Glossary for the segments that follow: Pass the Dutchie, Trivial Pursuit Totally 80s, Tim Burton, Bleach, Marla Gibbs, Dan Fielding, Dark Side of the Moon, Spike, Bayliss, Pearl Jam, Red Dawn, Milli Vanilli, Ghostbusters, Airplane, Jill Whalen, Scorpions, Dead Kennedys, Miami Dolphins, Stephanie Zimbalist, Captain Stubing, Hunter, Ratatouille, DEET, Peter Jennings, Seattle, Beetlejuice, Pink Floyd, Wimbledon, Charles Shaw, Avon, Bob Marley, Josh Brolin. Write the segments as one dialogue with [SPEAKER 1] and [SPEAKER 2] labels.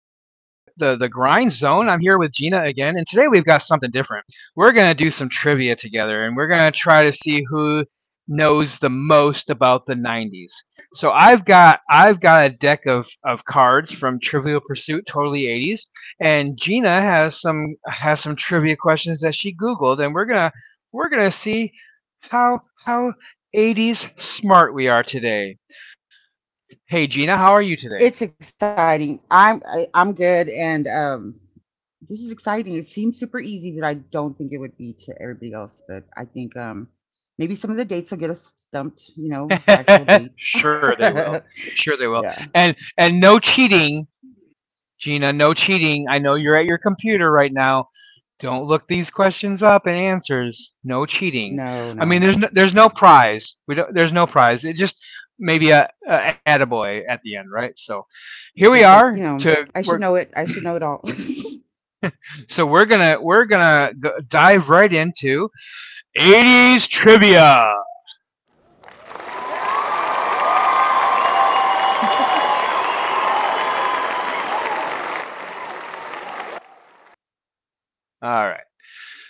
[SPEAKER 1] zone. I'm here with Gina again, and today we've got something different. We're going to do some trivia together, and we're going to try to see who knows the most about the 90s. So I've got a deck of cards from Trivial Pursuit Totally 80s, and Gina has some trivia questions that she googled, and we're going to see how 80s smart we are today. Hey Gina, how are you today?
[SPEAKER 2] It's exciting. I'm good, and this is exciting. It seems super easy, but I don't think it would be to everybody else. But I think maybe some of the dates will get us stumped. You know, actual dates.
[SPEAKER 1] Sure they will. Sure they will.
[SPEAKER 2] Yeah.
[SPEAKER 1] And no cheating, Gina, no cheating. I know you're at your computer right now. Don't look these questions up and answers. No cheating. I
[SPEAKER 2] No,
[SPEAKER 1] mean,
[SPEAKER 2] no,
[SPEAKER 1] there's
[SPEAKER 2] no.
[SPEAKER 1] no prize. We don't, there's no prize. It just maybe a attaboy at the end, right? So here we
[SPEAKER 2] It's
[SPEAKER 1] are
[SPEAKER 2] like
[SPEAKER 1] to
[SPEAKER 2] I should
[SPEAKER 1] we're
[SPEAKER 2] know it. I should know it all.
[SPEAKER 1] we're gonna go, dive right into 80s trivia. All right.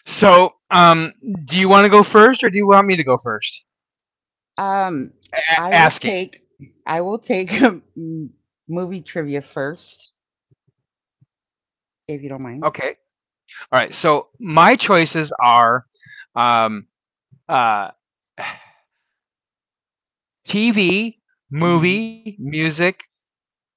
[SPEAKER 1] So, do you want to go first, or do you want me to go first?
[SPEAKER 2] um, I will
[SPEAKER 1] Asking.
[SPEAKER 2] take. I will take movie trivia first, if you don't mind.
[SPEAKER 1] Okay. All right. So my choices are um, uh, TV,
[SPEAKER 2] hmm
[SPEAKER 1] movie, music.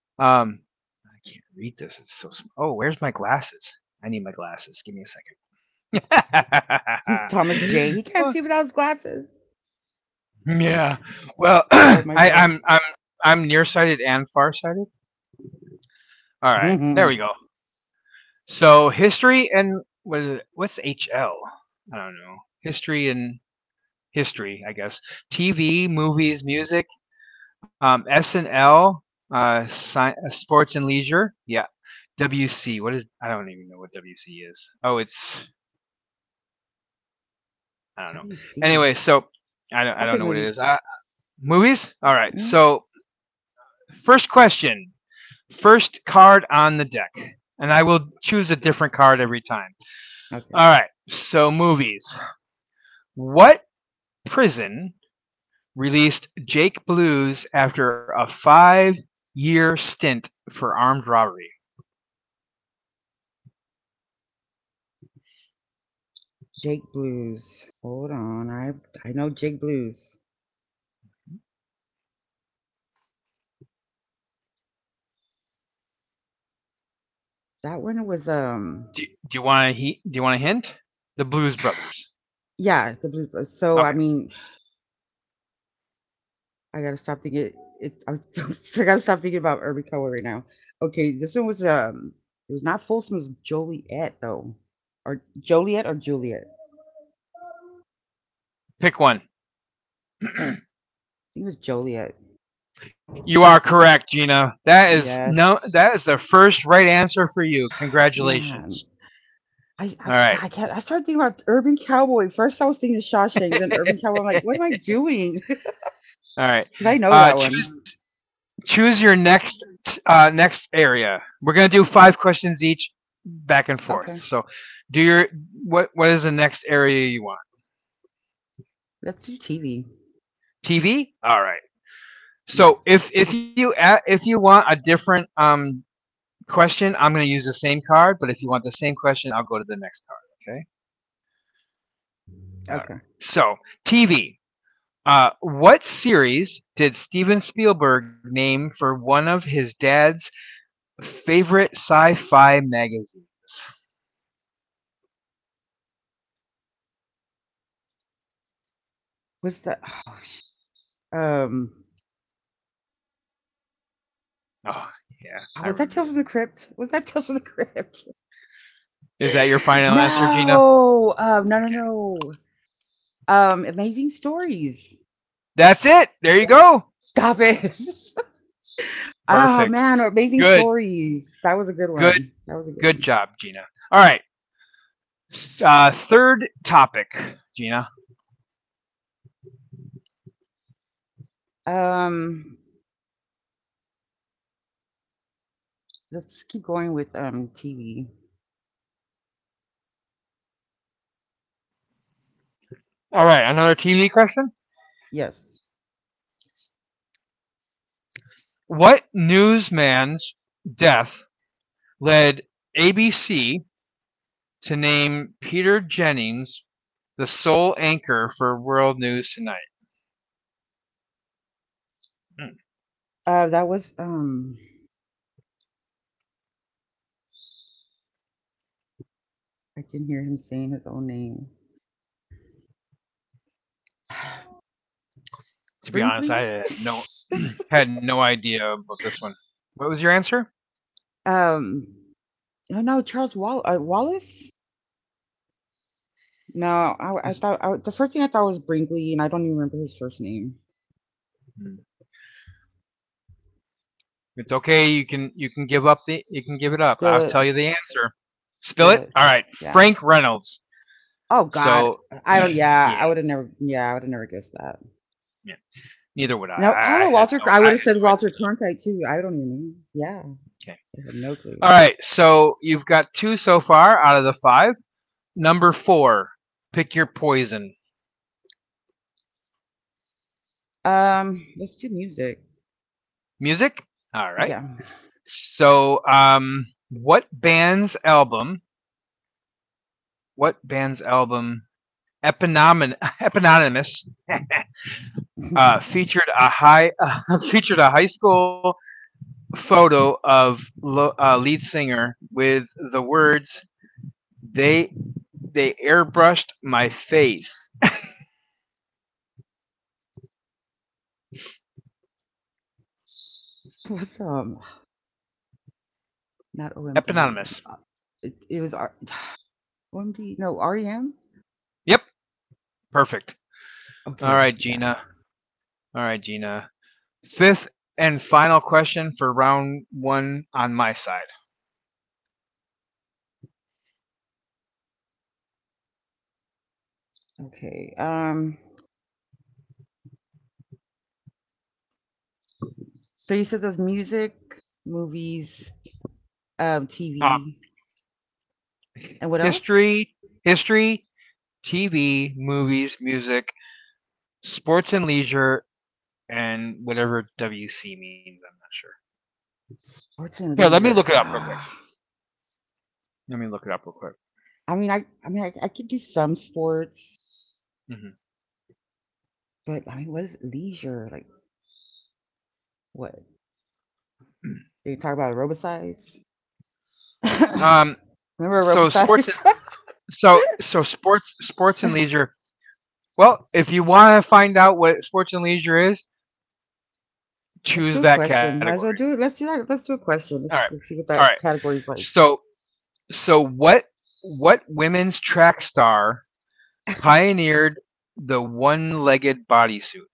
[SPEAKER 1] Um, I can't read this. It's so. Oh, where's my glasses? I need my glasses. Give me a second.
[SPEAKER 2] Thomas J. He can't
[SPEAKER 1] Uh,
[SPEAKER 2] see without his glasses.
[SPEAKER 1] yeah. Well,
[SPEAKER 2] I love my girl.
[SPEAKER 1] I'm nearsighted and farsighted. All right. There we
[SPEAKER 2] WC.
[SPEAKER 1] go. So history, and what is it? What's HL? I don't know. History and history, I guess. TV, movies, music. SNL, sports and leisure. Yeah. WC. What is? I don't even know what WC is. Oh, it's I don't know. Anyway, so I
[SPEAKER 2] I'll
[SPEAKER 1] don't
[SPEAKER 2] take
[SPEAKER 1] know what it is.
[SPEAKER 2] movies.
[SPEAKER 1] Movies. All right.
[SPEAKER 2] Mm.
[SPEAKER 1] So first question. First card on the deck, and I will choose a different card every time.
[SPEAKER 2] Okay.
[SPEAKER 1] All right. So movies. What prison released Jake Blues after a five-year stint for armed robbery?
[SPEAKER 2] Jake Blues. Hold on. I know Jake Blues. That one was,
[SPEAKER 1] Do, do you want to? Do you want a hint? The Blues Brothers.
[SPEAKER 2] yeah, the Blues Brothers. So I
[SPEAKER 1] Okay,
[SPEAKER 2] mean, I gotta stop thinking it's I, was, I gotta stop thinking about Irby Cohen right now. Okay, this one was it was not Folsom, it was Joliet though. Or Joliet or Juliet. I
[SPEAKER 1] pick one.
[SPEAKER 2] think it was Joliet.
[SPEAKER 1] You are correct, Gina. That is no.
[SPEAKER 2] Yes.
[SPEAKER 1] That is the first right answer for you.
[SPEAKER 2] Man.
[SPEAKER 1] Congratulations. All
[SPEAKER 2] God, I,
[SPEAKER 1] right.
[SPEAKER 2] can't, I started thinking about Urban Cowboy. First, I was thinking Shawshank, then Urban Cowboy. I'm like, what am
[SPEAKER 1] All
[SPEAKER 2] I doing?
[SPEAKER 1] right.
[SPEAKER 2] Because I know that
[SPEAKER 1] Uh,
[SPEAKER 2] one.
[SPEAKER 1] choose choose your next next area. We're gonna do five questions each, back and forth.
[SPEAKER 2] Okay,
[SPEAKER 1] So, do your what is the next area you want?
[SPEAKER 2] let's do TV.
[SPEAKER 1] TV. All right.
[SPEAKER 2] Yes.
[SPEAKER 1] So if you want a different question, I'm going to use the same card. But if you want the same question, I'll go to the next card. Okay.
[SPEAKER 2] Okay.
[SPEAKER 1] All right. So TV. What series did Steven Spielberg name for one of his dad's favorite sci-fi magazines?
[SPEAKER 2] Was that? Oh, um.
[SPEAKER 1] Oh yeah, I
[SPEAKER 2] oh, was that
[SPEAKER 1] remember
[SPEAKER 2] Tales from
[SPEAKER 1] that.
[SPEAKER 2] the Crypt? Was that Tales from the Crypt?
[SPEAKER 1] Is that your final answer, Gina?
[SPEAKER 2] No. No. No. No. Amazing Stories.
[SPEAKER 1] That's it. There you go.
[SPEAKER 2] Stop it. Oh
[SPEAKER 1] Perfect.
[SPEAKER 2] man, Amazing
[SPEAKER 1] Good.
[SPEAKER 2] Stories. That was a good
[SPEAKER 1] Good.
[SPEAKER 2] one. That was a
[SPEAKER 1] Good
[SPEAKER 2] good
[SPEAKER 1] job, Gina. All right. Third topic, Gina.
[SPEAKER 2] one. Let's keep going with TV.
[SPEAKER 1] All right, another TV question.
[SPEAKER 2] Yes.
[SPEAKER 1] What newsman's death led ABC to name Peter Jennings the sole anchor for World News Tonight? Hmm,
[SPEAKER 2] That was I can hear him saying his own name.
[SPEAKER 1] To be
[SPEAKER 2] Brinkley?
[SPEAKER 1] honest, I had no had no idea about this one. What was your answer?
[SPEAKER 2] um no, no, Charles Wallace? No, I
[SPEAKER 1] Is-
[SPEAKER 2] thought the first thing I thought was Brinkley, and I don't even remember his first name.
[SPEAKER 1] hmm, It's okay. You can give up the you can give it up.
[SPEAKER 2] Spill
[SPEAKER 1] I'll
[SPEAKER 2] it.
[SPEAKER 1] tell you the answer. Spill
[SPEAKER 2] Spill
[SPEAKER 1] it.
[SPEAKER 2] it.
[SPEAKER 1] All right,
[SPEAKER 2] Yeah.
[SPEAKER 1] Frank Reynolds.
[SPEAKER 2] Oh God.
[SPEAKER 1] So,
[SPEAKER 2] I don't.
[SPEAKER 1] yeah.
[SPEAKER 2] Yeah, I would have never. Yeah, I would have never guessed that.
[SPEAKER 1] Yeah. Neither would I.
[SPEAKER 2] No, oh,
[SPEAKER 1] I had
[SPEAKER 2] Walter
[SPEAKER 1] no.
[SPEAKER 2] I would
[SPEAKER 1] I
[SPEAKER 2] have
[SPEAKER 1] had
[SPEAKER 2] said
[SPEAKER 1] no
[SPEAKER 2] Walter
[SPEAKER 1] idea.
[SPEAKER 2] Cronkite too. I don't even know. Yeah.
[SPEAKER 1] Okay.
[SPEAKER 2] I had no
[SPEAKER 1] All
[SPEAKER 2] clue.
[SPEAKER 1] right. So you've got two so far out of the five. Number four. Pick your poison.
[SPEAKER 2] Let's do music.
[SPEAKER 1] Music. All right.
[SPEAKER 2] Yeah.
[SPEAKER 1] So, what band's album? What band's album? Eponym, eponymous featured a high featured a high school photo of lead singer with the words "they "they airbrushed my face."
[SPEAKER 2] What's not OMD.
[SPEAKER 1] Eponymous.
[SPEAKER 2] It, it was R- OMD. No, REM.
[SPEAKER 1] Yep, perfect. All
[SPEAKER 2] Okay,
[SPEAKER 1] right,
[SPEAKER 2] yeah.
[SPEAKER 1] Gina. All right, Gina. Fifth and final question for round one on my side.
[SPEAKER 2] Okay. So you said there's music, movies,
[SPEAKER 1] Uh,
[SPEAKER 2] TV, and what else?
[SPEAKER 1] history, history, TV, movies, music, sports and leisure, and whatever WC means. I'm not sure.
[SPEAKER 2] Sports and
[SPEAKER 1] Here, let me
[SPEAKER 2] leisure.
[SPEAKER 1] look it up real quick. Let me look it up real quick.
[SPEAKER 2] Ah, I mean I mean I could do some sports,
[SPEAKER 1] hmm
[SPEAKER 2] but I mean, what is leisure? Like what? They talk about aerobicize?
[SPEAKER 1] Um,
[SPEAKER 2] Remember
[SPEAKER 1] so sports and
[SPEAKER 2] aerobicize?
[SPEAKER 1] sports and leisure. Well, if you want to find out what sports and leisure is,
[SPEAKER 2] Let's
[SPEAKER 1] choose
[SPEAKER 2] do a
[SPEAKER 1] that
[SPEAKER 2] question. Might
[SPEAKER 1] category.
[SPEAKER 2] as well do it. Let's do that. Let's do a
[SPEAKER 1] All
[SPEAKER 2] question.
[SPEAKER 1] right,
[SPEAKER 2] Let's see
[SPEAKER 1] all
[SPEAKER 2] what
[SPEAKER 1] right.
[SPEAKER 2] that category is like.
[SPEAKER 1] So So what what women's track star pioneered the one-legged bodysuit?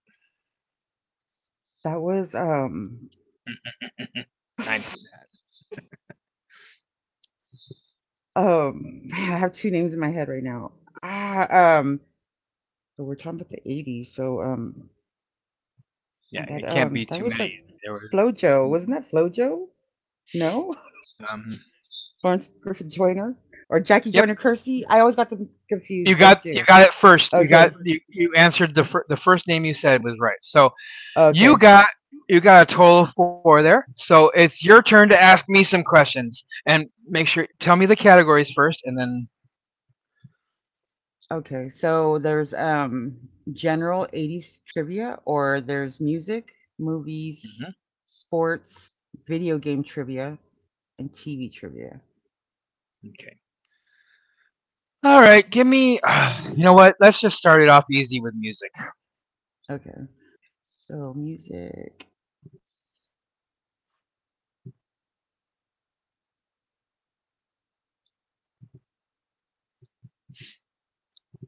[SPEAKER 2] That was
[SPEAKER 1] I knew that.
[SPEAKER 2] man, I have two names in my head right now. Ah, but we're talking about the 80s, so and
[SPEAKER 1] Yeah,
[SPEAKER 2] that
[SPEAKER 1] it can't be
[SPEAKER 2] that
[SPEAKER 1] too
[SPEAKER 2] was like
[SPEAKER 1] many. There were.
[SPEAKER 2] Flojo. Wasn't that Flojo? No?
[SPEAKER 1] Um,
[SPEAKER 2] Florence Griffin Joyner or Jackie
[SPEAKER 1] yep,
[SPEAKER 2] Joyner Kersey? I always got them confused, those
[SPEAKER 1] you
[SPEAKER 2] two.
[SPEAKER 1] got it first.
[SPEAKER 2] Okay.
[SPEAKER 1] You answered the the first name you said was right. So you
[SPEAKER 2] Okay.
[SPEAKER 1] got you got a total of four there. So it's your turn to ask me some questions and make sure tell me the categories first, and then.
[SPEAKER 2] Okay, so there's general 80s trivia or there's music, movies,
[SPEAKER 1] Mhm.
[SPEAKER 2] sports, video game trivia, and TV trivia.
[SPEAKER 1] Okay. All right, give me. You know what? Let's just start it off easy with music.
[SPEAKER 2] Okay. So music.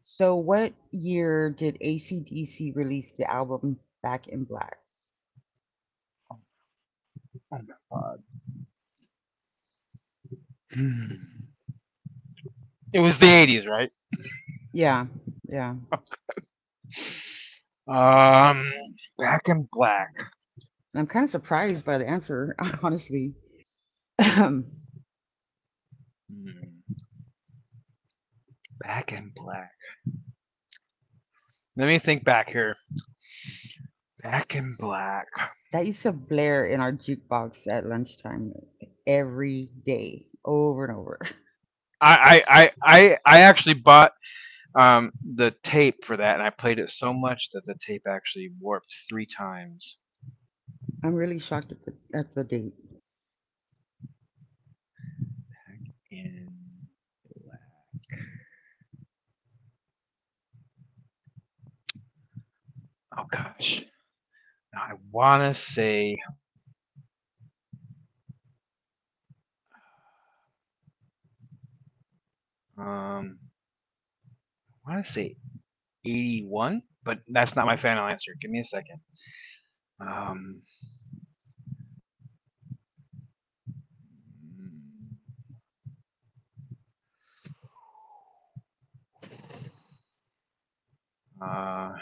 [SPEAKER 2] So what year did AC/DC release the album Back in Black?
[SPEAKER 1] Oh my god. It was the 80s, right?
[SPEAKER 2] Yeah. Yeah. And
[SPEAKER 1] Um, Back in Black.
[SPEAKER 2] I'm kind of surprised by the answer, honestly.
[SPEAKER 1] Hmm, Back in Black. Let me think back here. Back in Black.
[SPEAKER 2] That used to blare in our jukebox at lunchtime every day, over and over.
[SPEAKER 1] I actually bought the tape for that, and I played it so much that the tape actually warped 3 times.
[SPEAKER 2] I'm really shocked at the date.
[SPEAKER 1] Back in Oh gosh, I want to say um I want to say 81, but that's not my final answer. Give me a second. Um, hmm. Uh,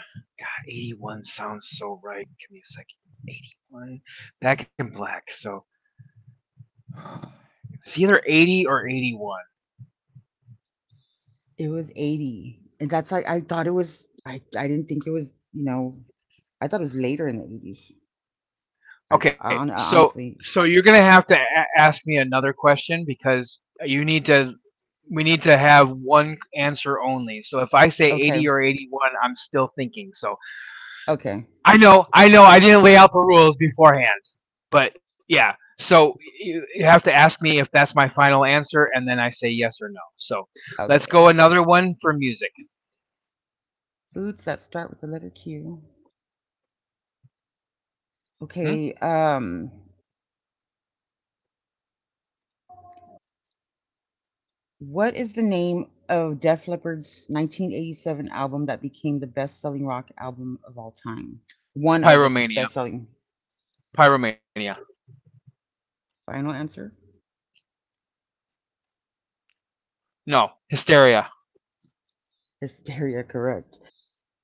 [SPEAKER 1] God, 81 sounds so right. Give me a second. 81. Back in black. So it's either 80 or 81.
[SPEAKER 2] It was 80. And that's like, I thought it was, I didn't think it was, I thought it was later in the 80s. I,
[SPEAKER 1] Okay,
[SPEAKER 2] hon- I honestly
[SPEAKER 1] so you're gonna have to ask me another question because you need to. We need to have one answer only. So if I say
[SPEAKER 2] okay.
[SPEAKER 1] 80 or 81, I'm still thinking. So
[SPEAKER 2] Okay.
[SPEAKER 1] I know, I know, I didn't lay out the rules beforehand. But yeah, so you have to ask me if that's my final answer, and then I say yes or no. So let's go
[SPEAKER 2] Okay.
[SPEAKER 1] another one for music.
[SPEAKER 2] Foods that start with the letter Q.
[SPEAKER 1] Hmm?
[SPEAKER 2] Okay, what is the name of Def Leppard's 1987 album that became the best-selling rock album of all time? One of the
[SPEAKER 1] Pyromania.
[SPEAKER 2] best-selling.
[SPEAKER 1] Pyromania.
[SPEAKER 2] Final answer?
[SPEAKER 1] No, Hysteria.
[SPEAKER 2] Hysteria, correct.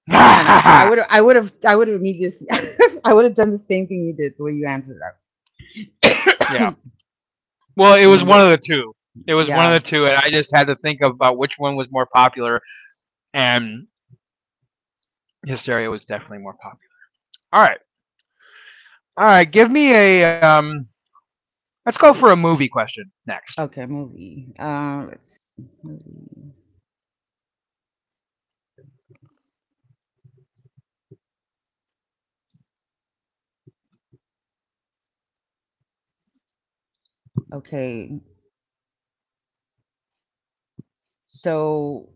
[SPEAKER 2] Man, I, I
[SPEAKER 1] Yeah.
[SPEAKER 2] would I would have I would have immediately I would have done the same thing you did the way you answered that.
[SPEAKER 1] Well, it
[SPEAKER 2] And
[SPEAKER 1] was
[SPEAKER 2] then
[SPEAKER 1] one
[SPEAKER 2] they,
[SPEAKER 1] of the two. It was one of
[SPEAKER 2] yeah.
[SPEAKER 1] the two, and I just had to think about which one was more popular, and Hysteria was definitely more popular. All right. All right. Give me a. Let's go for a movie question next.
[SPEAKER 2] Okay, movie. Let's Movie. Okay. So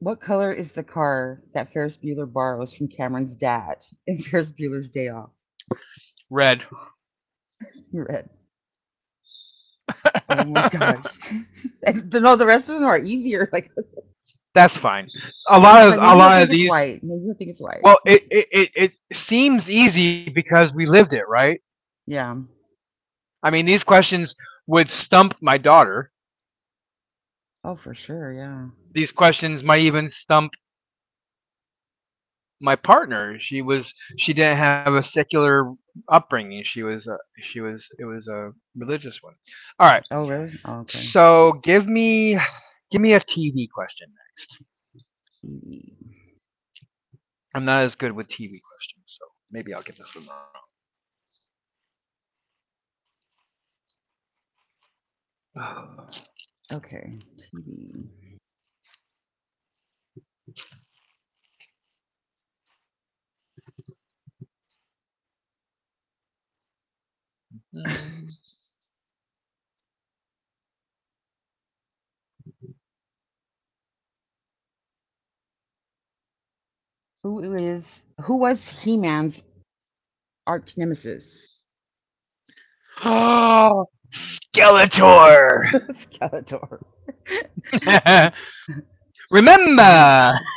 [SPEAKER 2] what color is the car that Ferris Bueller borrows from Cameron's dad in Ferris Bueller's Day Off?
[SPEAKER 1] Red.
[SPEAKER 2] Red. Oh my gosh. And no, the rest of them are easier. Like
[SPEAKER 1] That's fine.
[SPEAKER 2] I was like,
[SPEAKER 1] A
[SPEAKER 2] maybe he'll
[SPEAKER 1] lot
[SPEAKER 2] think
[SPEAKER 1] of
[SPEAKER 2] it's
[SPEAKER 1] these
[SPEAKER 2] white. Maybe he'll think it's white.
[SPEAKER 1] well, it seems easy because we lived it, right?
[SPEAKER 2] Yeah.
[SPEAKER 1] I mean, these questions would stump my daughter.
[SPEAKER 2] Oh, for sure. Yeah.
[SPEAKER 1] These questions might even stump my partner. She didn't have a secular upbringing. She was it was a religious one. All right.
[SPEAKER 2] Oh, really? Oh, okay.
[SPEAKER 1] So give me a TV question.
[SPEAKER 2] TV.
[SPEAKER 1] I'm not as good with TV questions, so maybe I'll get this one wrong.
[SPEAKER 2] Okay, TV.
[SPEAKER 1] Mm.
[SPEAKER 2] Who was He-Man's arch nemesis?
[SPEAKER 1] Oh, Skeletor.
[SPEAKER 2] Skeletor. Oh my
[SPEAKER 1] Remember.
[SPEAKER 2] god.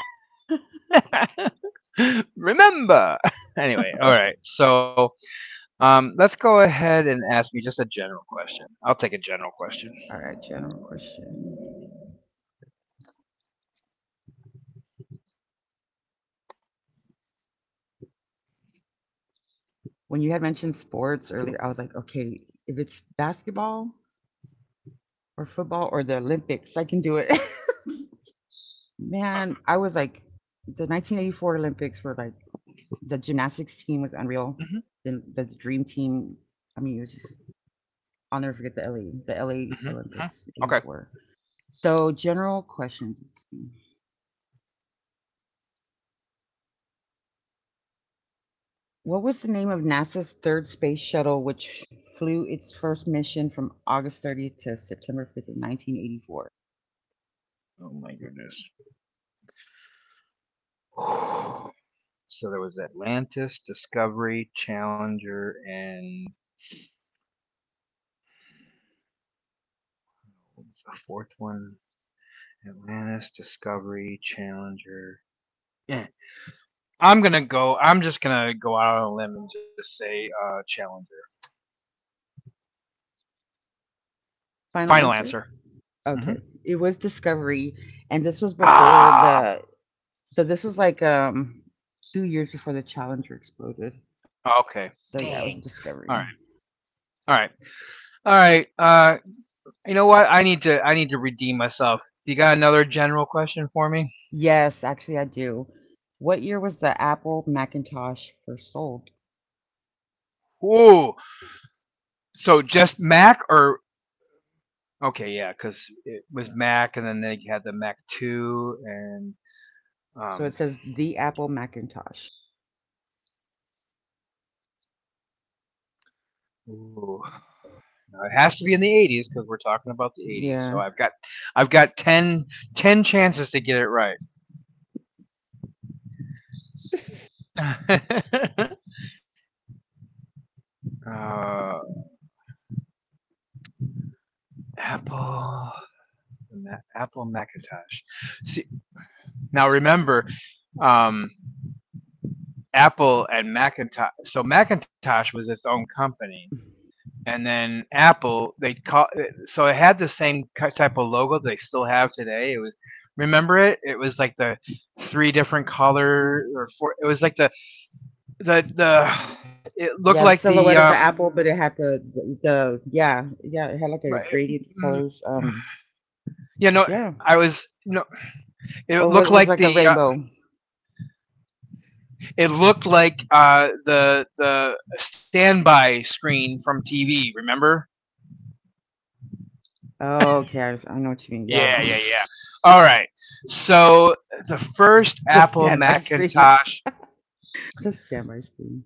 [SPEAKER 1] Remember. Anyway, all right. So let's go ahead and ask me just a general question. I'll take a general question.
[SPEAKER 2] All right, general question. When you had mentioned sports earlier, I was like, okay, if it's basketball or football or the Olympics, I can do it. Man, I was like, the 1984 Olympics were like the gymnastics team was unreal. Then
[SPEAKER 1] hmm
[SPEAKER 2] the dream team, I mean, it was just, I'll never forget the LA
[SPEAKER 1] hmm hmm
[SPEAKER 2] Olympics,
[SPEAKER 1] Okay.
[SPEAKER 2] 84. So, general questions. What was the name of NASA's third space shuttle, which flew its first mission from August 30th to September 5th of 1984?
[SPEAKER 1] Oh my goodness. So there was Atlantis, Discovery, Challenger, and what was the fourth one? Atlantis, Discovery, Challenger. Eh. I'm just gonna go out on a limb and just say Challenger.
[SPEAKER 2] Final
[SPEAKER 1] Final
[SPEAKER 2] answer?
[SPEAKER 1] answer. hmm
[SPEAKER 2] Okay. It was Discovery, and this was before
[SPEAKER 1] Ah,
[SPEAKER 2] so this was like 2 years before the Challenger exploded.
[SPEAKER 1] oh, okay.
[SPEAKER 2] So, yeah,
[SPEAKER 1] Dang.
[SPEAKER 2] it was
[SPEAKER 1] All right.
[SPEAKER 2] Discovery.
[SPEAKER 1] All right. All right. You know what? I need to redeem myself. You got another general question for me?
[SPEAKER 2] Yes, actually, I do. What year was the Apple Macintosh first sold?
[SPEAKER 1] Ooh. So just Mac or okay? Yeah, because it was Mac, and then they had the Mac Two, and
[SPEAKER 2] So it
[SPEAKER 1] um.
[SPEAKER 2] says the Apple Macintosh.
[SPEAKER 1] Ooh, it has to be in the 80s because we're talking about the 80s. So
[SPEAKER 2] Yeah.
[SPEAKER 1] I've got ten, ten chances to get it right. uh, Apple, Apple Macintosh. Now remember, um, Apple and Macintosh. So Macintosh was its own company, and then Apple they call. So it had the same type of logo they still have today. It was remember it. It was like the three different color
[SPEAKER 2] Mm.
[SPEAKER 1] or four. It was like the the. It looked
[SPEAKER 2] Yeah, the
[SPEAKER 1] like the
[SPEAKER 2] silhouette of the apple, but it had the yeah, yeah, it had like a
[SPEAKER 1] right,
[SPEAKER 2] gradient of
[SPEAKER 1] mm,
[SPEAKER 2] colors. Um,
[SPEAKER 1] you know,
[SPEAKER 2] yeah,
[SPEAKER 1] I was no.
[SPEAKER 2] or
[SPEAKER 1] It looked
[SPEAKER 2] was
[SPEAKER 1] like
[SPEAKER 2] like a
[SPEAKER 1] the.
[SPEAKER 2] rainbow?
[SPEAKER 1] It looked like the standby screen from TV. Remember
[SPEAKER 2] Oh, okay, I know what you mean. Yeah,
[SPEAKER 1] yeah, yeah, yeah. All right. So the first
[SPEAKER 2] the
[SPEAKER 1] Apple
[SPEAKER 2] standby screen,
[SPEAKER 1] Macintosh.
[SPEAKER 2] the standby screen.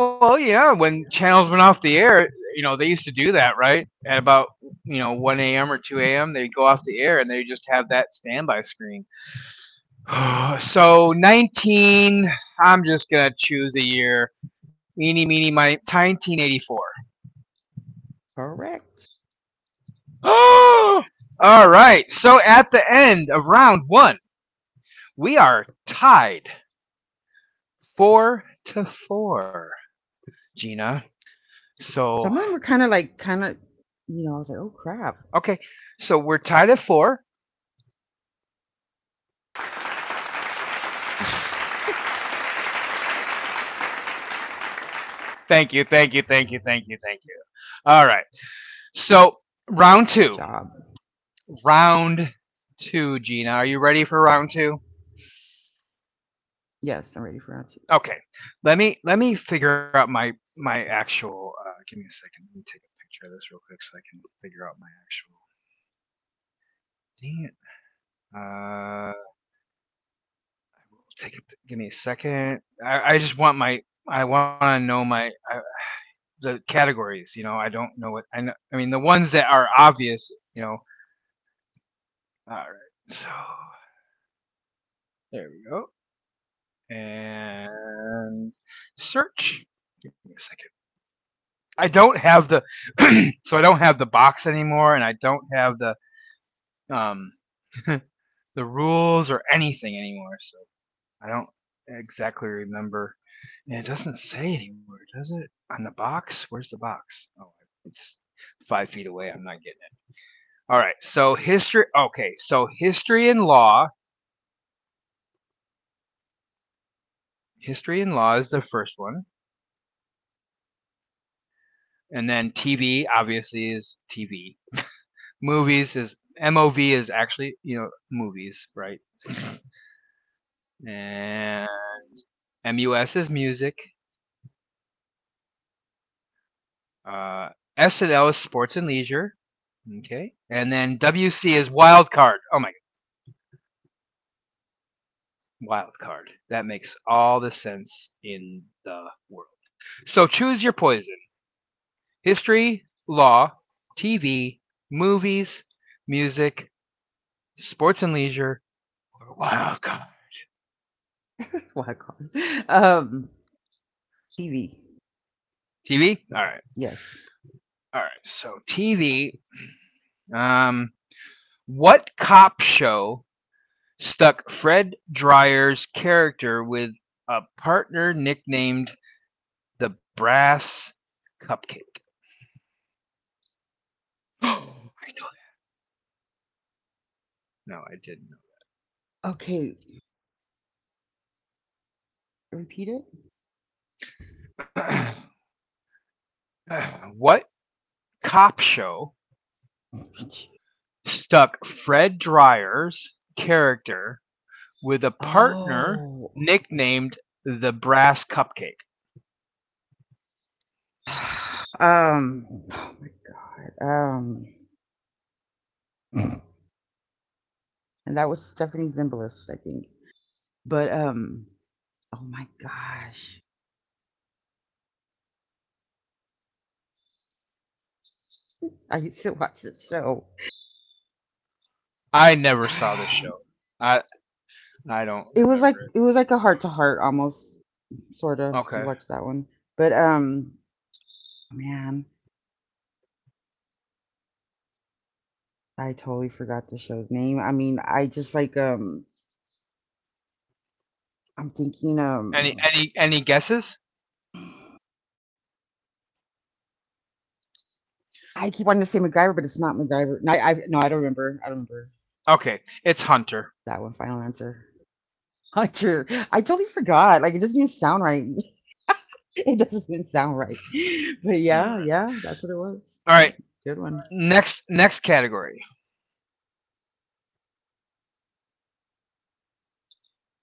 [SPEAKER 1] Well, yeah, when channels went off the air, you know, they used to do that, right? At about, you know, 1 a.m. or 2 a.m., they'd go off the air and they just have that standby screen. so 19, I'm just going to choose a year. Eeny, meeny, miny, 1984.
[SPEAKER 2] Correct.
[SPEAKER 1] Oh! All right. So at the end of round one, we are tied 4-4. Gina. So,
[SPEAKER 2] Some of them were I was like, oh crap.
[SPEAKER 1] okay. So we're tied at four. Thank you, thank you, thank you, thank you, thank you. All right. So,
[SPEAKER 2] Good job.
[SPEAKER 1] round two. Round two, Gina. Are you ready for round two?
[SPEAKER 2] Yes, I'm ready for answer.
[SPEAKER 1] Okay. Let me figure out my my actual. Give me a second. Let me take a picture of this real quick so I can figure out my actual. Dang it. Give me a second. I just want my. I want to know my. The categories. You know, I don't know what I know. I mean, the ones that are obvious. You know, all right. So there we go. And search. Give me a second. I don't have the so I don't have the box anymore, and I don't have the um the rules or anything anymore. So I don't exactly remember. And it doesn't say anywhere, does it? On the box? Where's the box? Oh, it's five feet away. I'm not getting. All right. So history. Okay. So history and law. History and law is the first one, and then TV obviously is TV. Movies is MOV is actually, you know, movies, right? And MUS is music. Uh, S and L is sports and leisure. Okay. And then WC is wild card. Oh my god, wild card. That makes all the sense in the world. So choose your poison: history, law, TV, movies, music, sports and leisure, or wild card.
[SPEAKER 2] What I call it. TV.
[SPEAKER 1] TV? All right.
[SPEAKER 2] Yes.
[SPEAKER 1] All right. So, TV. Um, what cop show stuck Fred Dreyer's character with a partner nicknamed the Brass Cupcake? I know. No, I
[SPEAKER 2] Okay. Repeat it.
[SPEAKER 1] didn't know. What cop show
[SPEAKER 2] Jeez.
[SPEAKER 1] stuck Fred Dreyer's character with a partner
[SPEAKER 2] Oh.
[SPEAKER 1] nicknamed the Brass Cupcake?
[SPEAKER 2] Oh my god. And that was Stephanie Zimbalist, I think. But. Oh my gosh. I used to watch this show.
[SPEAKER 1] I never saw this show. I I don't
[SPEAKER 2] It was
[SPEAKER 1] remember
[SPEAKER 2] like
[SPEAKER 1] it.
[SPEAKER 2] it was like a heart to heart almost sort of. You
[SPEAKER 1] Okay.
[SPEAKER 2] watched that one. But, man, I totally forgot the show's name. I mean, I just like, I'm thinking,
[SPEAKER 1] Any any any guesses?
[SPEAKER 2] I keep wanting to say MacGyver, but it's not MacGyver. No, I no, I don't remember. I don't remember
[SPEAKER 1] Okay, it's
[SPEAKER 2] that one.
[SPEAKER 1] Hunter.
[SPEAKER 2] Final answer. Hunter. I totally forgot. Like it doesn't even sound right. It doesn't even sound right. But
[SPEAKER 1] All
[SPEAKER 2] yeah,
[SPEAKER 1] right.
[SPEAKER 2] yeah, that's what it was.
[SPEAKER 1] All
[SPEAKER 2] Yep,
[SPEAKER 1] right.
[SPEAKER 2] good one.
[SPEAKER 1] Next category.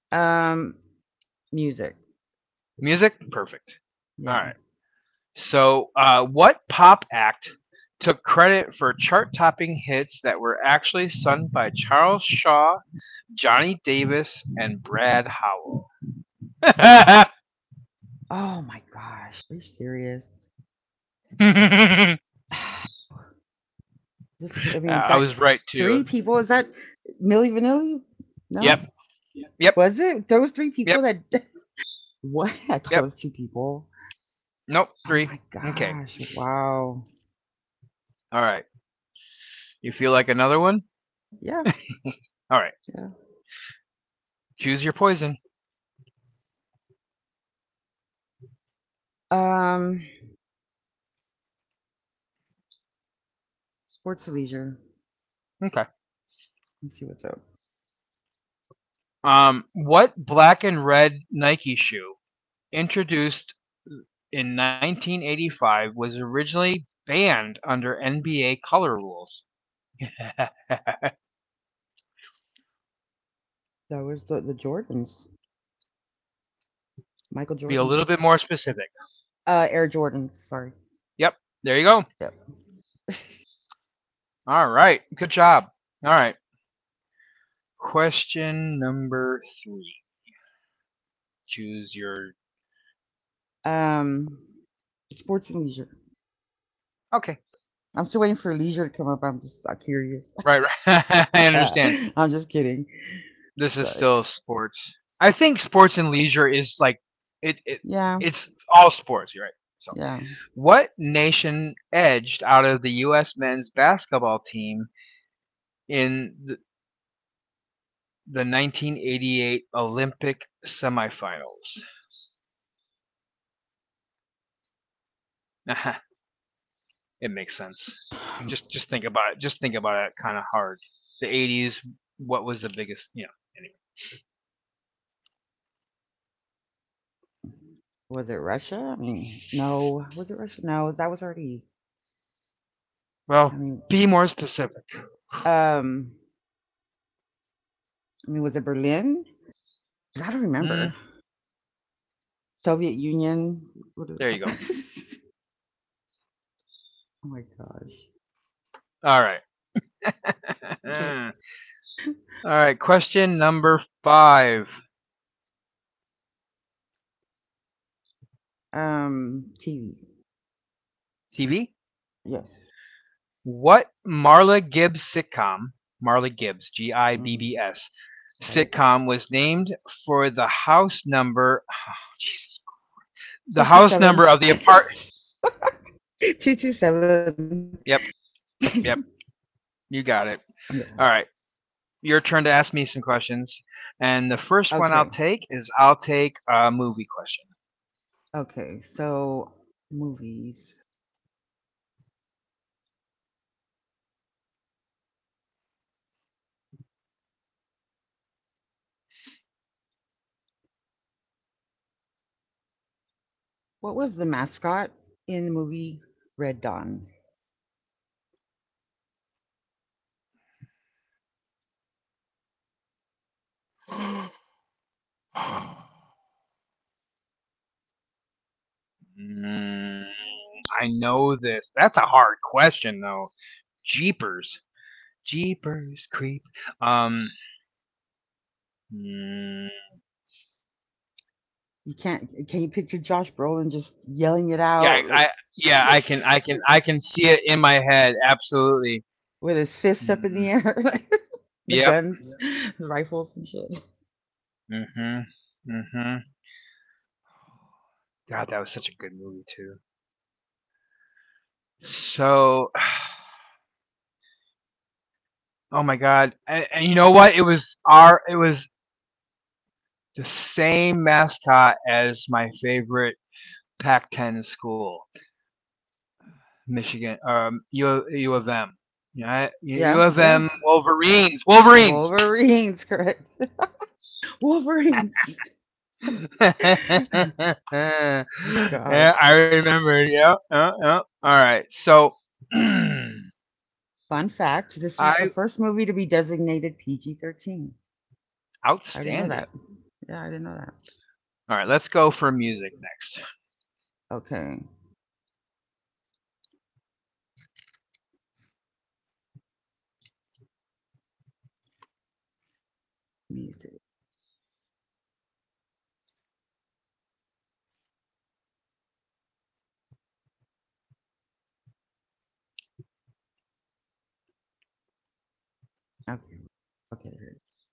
[SPEAKER 2] Um, music.
[SPEAKER 1] Music. Perfect. All
[SPEAKER 2] Yeah.
[SPEAKER 1] right. So, what pop act took credit for chart-topping hits that were actually sung by Charles Shaw, Johnny Davis, and Brad Howell?
[SPEAKER 2] Oh my gosh, are you serious? This I mean, that
[SPEAKER 1] I was right
[SPEAKER 2] three
[SPEAKER 1] too.
[SPEAKER 2] people, is that Milli Vanilli? No?
[SPEAKER 1] Yep,
[SPEAKER 2] Yeah.
[SPEAKER 1] yep,
[SPEAKER 2] Was it? There was three people
[SPEAKER 1] yep,
[SPEAKER 2] that What? I thought it
[SPEAKER 1] yep.
[SPEAKER 2] was two people.
[SPEAKER 1] Nope,
[SPEAKER 2] Oh
[SPEAKER 1] three.
[SPEAKER 2] my
[SPEAKER 1] Okay,
[SPEAKER 2] gosh, wow.
[SPEAKER 1] all right. You feel like another one?
[SPEAKER 2] Yeah,
[SPEAKER 1] All right.
[SPEAKER 2] yeah.
[SPEAKER 1] Choose your poison.
[SPEAKER 2] Um, sports and leisure.
[SPEAKER 1] Okay.
[SPEAKER 2] Let's see what's up.
[SPEAKER 1] What black and red Nike shoe introduced in 1985 was originally banned under NBA color rules?
[SPEAKER 2] That was the Jordans. Michael
[SPEAKER 1] Be a
[SPEAKER 2] Jordans.
[SPEAKER 1] little bit more specific.
[SPEAKER 2] Air Jordans, sorry.
[SPEAKER 1] Yep. There you go.
[SPEAKER 2] Yep.
[SPEAKER 1] All right. Good job. All right. Question number three. Choose your.
[SPEAKER 2] Um, sports and leisure.
[SPEAKER 1] Okay.
[SPEAKER 2] I'm still waiting for Leisure to come up. I'm just curious.
[SPEAKER 1] Right, right. I understand.
[SPEAKER 2] I'm just kidding.
[SPEAKER 1] This
[SPEAKER 2] So
[SPEAKER 1] is still sports. I think sports and leisure is like it,
[SPEAKER 2] yeah,
[SPEAKER 1] it's all sports, you're right. So,
[SPEAKER 2] yeah.
[SPEAKER 1] what nation edged out of the US men's basketball team in the 1988 Olympic semifinals? It makes sense. Just think about it. Just think about it kind of hard. The 80s, what was the biggest, you know, anyway.
[SPEAKER 2] Was it Russia? I mean, no. Was it Russia? No, that was already.
[SPEAKER 1] Well,
[SPEAKER 2] I mean,
[SPEAKER 1] be more specific.
[SPEAKER 2] um, I mean, was it Berlin? I don't
[SPEAKER 1] Mm,
[SPEAKER 2] remember. Soviet Union. What did
[SPEAKER 1] there
[SPEAKER 2] it
[SPEAKER 1] you go.
[SPEAKER 2] called? Oh my gosh.
[SPEAKER 1] All right. All right, question number five.
[SPEAKER 2] TV.
[SPEAKER 1] TV.
[SPEAKER 2] Yes.
[SPEAKER 1] What Marla Gibbs sitcom, Marla Gibbs, G I B
[SPEAKER 2] hmm
[SPEAKER 1] B S,
[SPEAKER 2] Got it.
[SPEAKER 1] sitcom was named for the house number, oh, Jesus, the
[SPEAKER 2] Two two
[SPEAKER 1] house
[SPEAKER 2] seven.
[SPEAKER 1] number of the apart.
[SPEAKER 2] 227.
[SPEAKER 1] Yep, yep, you got it.
[SPEAKER 2] Yeah.
[SPEAKER 1] All right, your turn to ask me some questions. And the first one I'll
[SPEAKER 2] Okay.
[SPEAKER 1] take is I'll take a movie
[SPEAKER 2] Okay. So, movies. What was the mascot in the movie Red Dawn?
[SPEAKER 1] question. Mm, I know this. That's a hard question, though. Jeepers. Jeepers creep. Um, mm,
[SPEAKER 2] You can't. Can you picture Josh Brolin just yelling it
[SPEAKER 1] yeah,
[SPEAKER 2] out like
[SPEAKER 1] yeah, I can see it in my head. Absolutely.
[SPEAKER 2] with his fist up in the
[SPEAKER 1] Mm,
[SPEAKER 2] air, like, the
[SPEAKER 1] yep.
[SPEAKER 2] guns, the rifles and shit?
[SPEAKER 1] Mhm. Mhm. God, that was such a good movie too. So, oh my God, and you know what? It was our, it was the same mascot as my favorite Pac-10 school, Michigan, U of M. Yeah, U
[SPEAKER 2] Yeah.
[SPEAKER 1] of
[SPEAKER 2] Yeah.
[SPEAKER 1] M Wolverines. Wolverines.
[SPEAKER 2] Wolverines, correct? Wolverines.
[SPEAKER 1] Yeah,
[SPEAKER 2] My gosh.
[SPEAKER 1] I remember. Yeah, yeah, yeah. All right. So,
[SPEAKER 2] Fun fact: this was the
[SPEAKER 1] I
[SPEAKER 2] first movie to be designated PG-13. I didn't know that.
[SPEAKER 1] outstanding.
[SPEAKER 2] Yeah, I didn't know that.
[SPEAKER 1] All right, let's go for music
[SPEAKER 2] Okay. Music. Okay. Okay, there it is.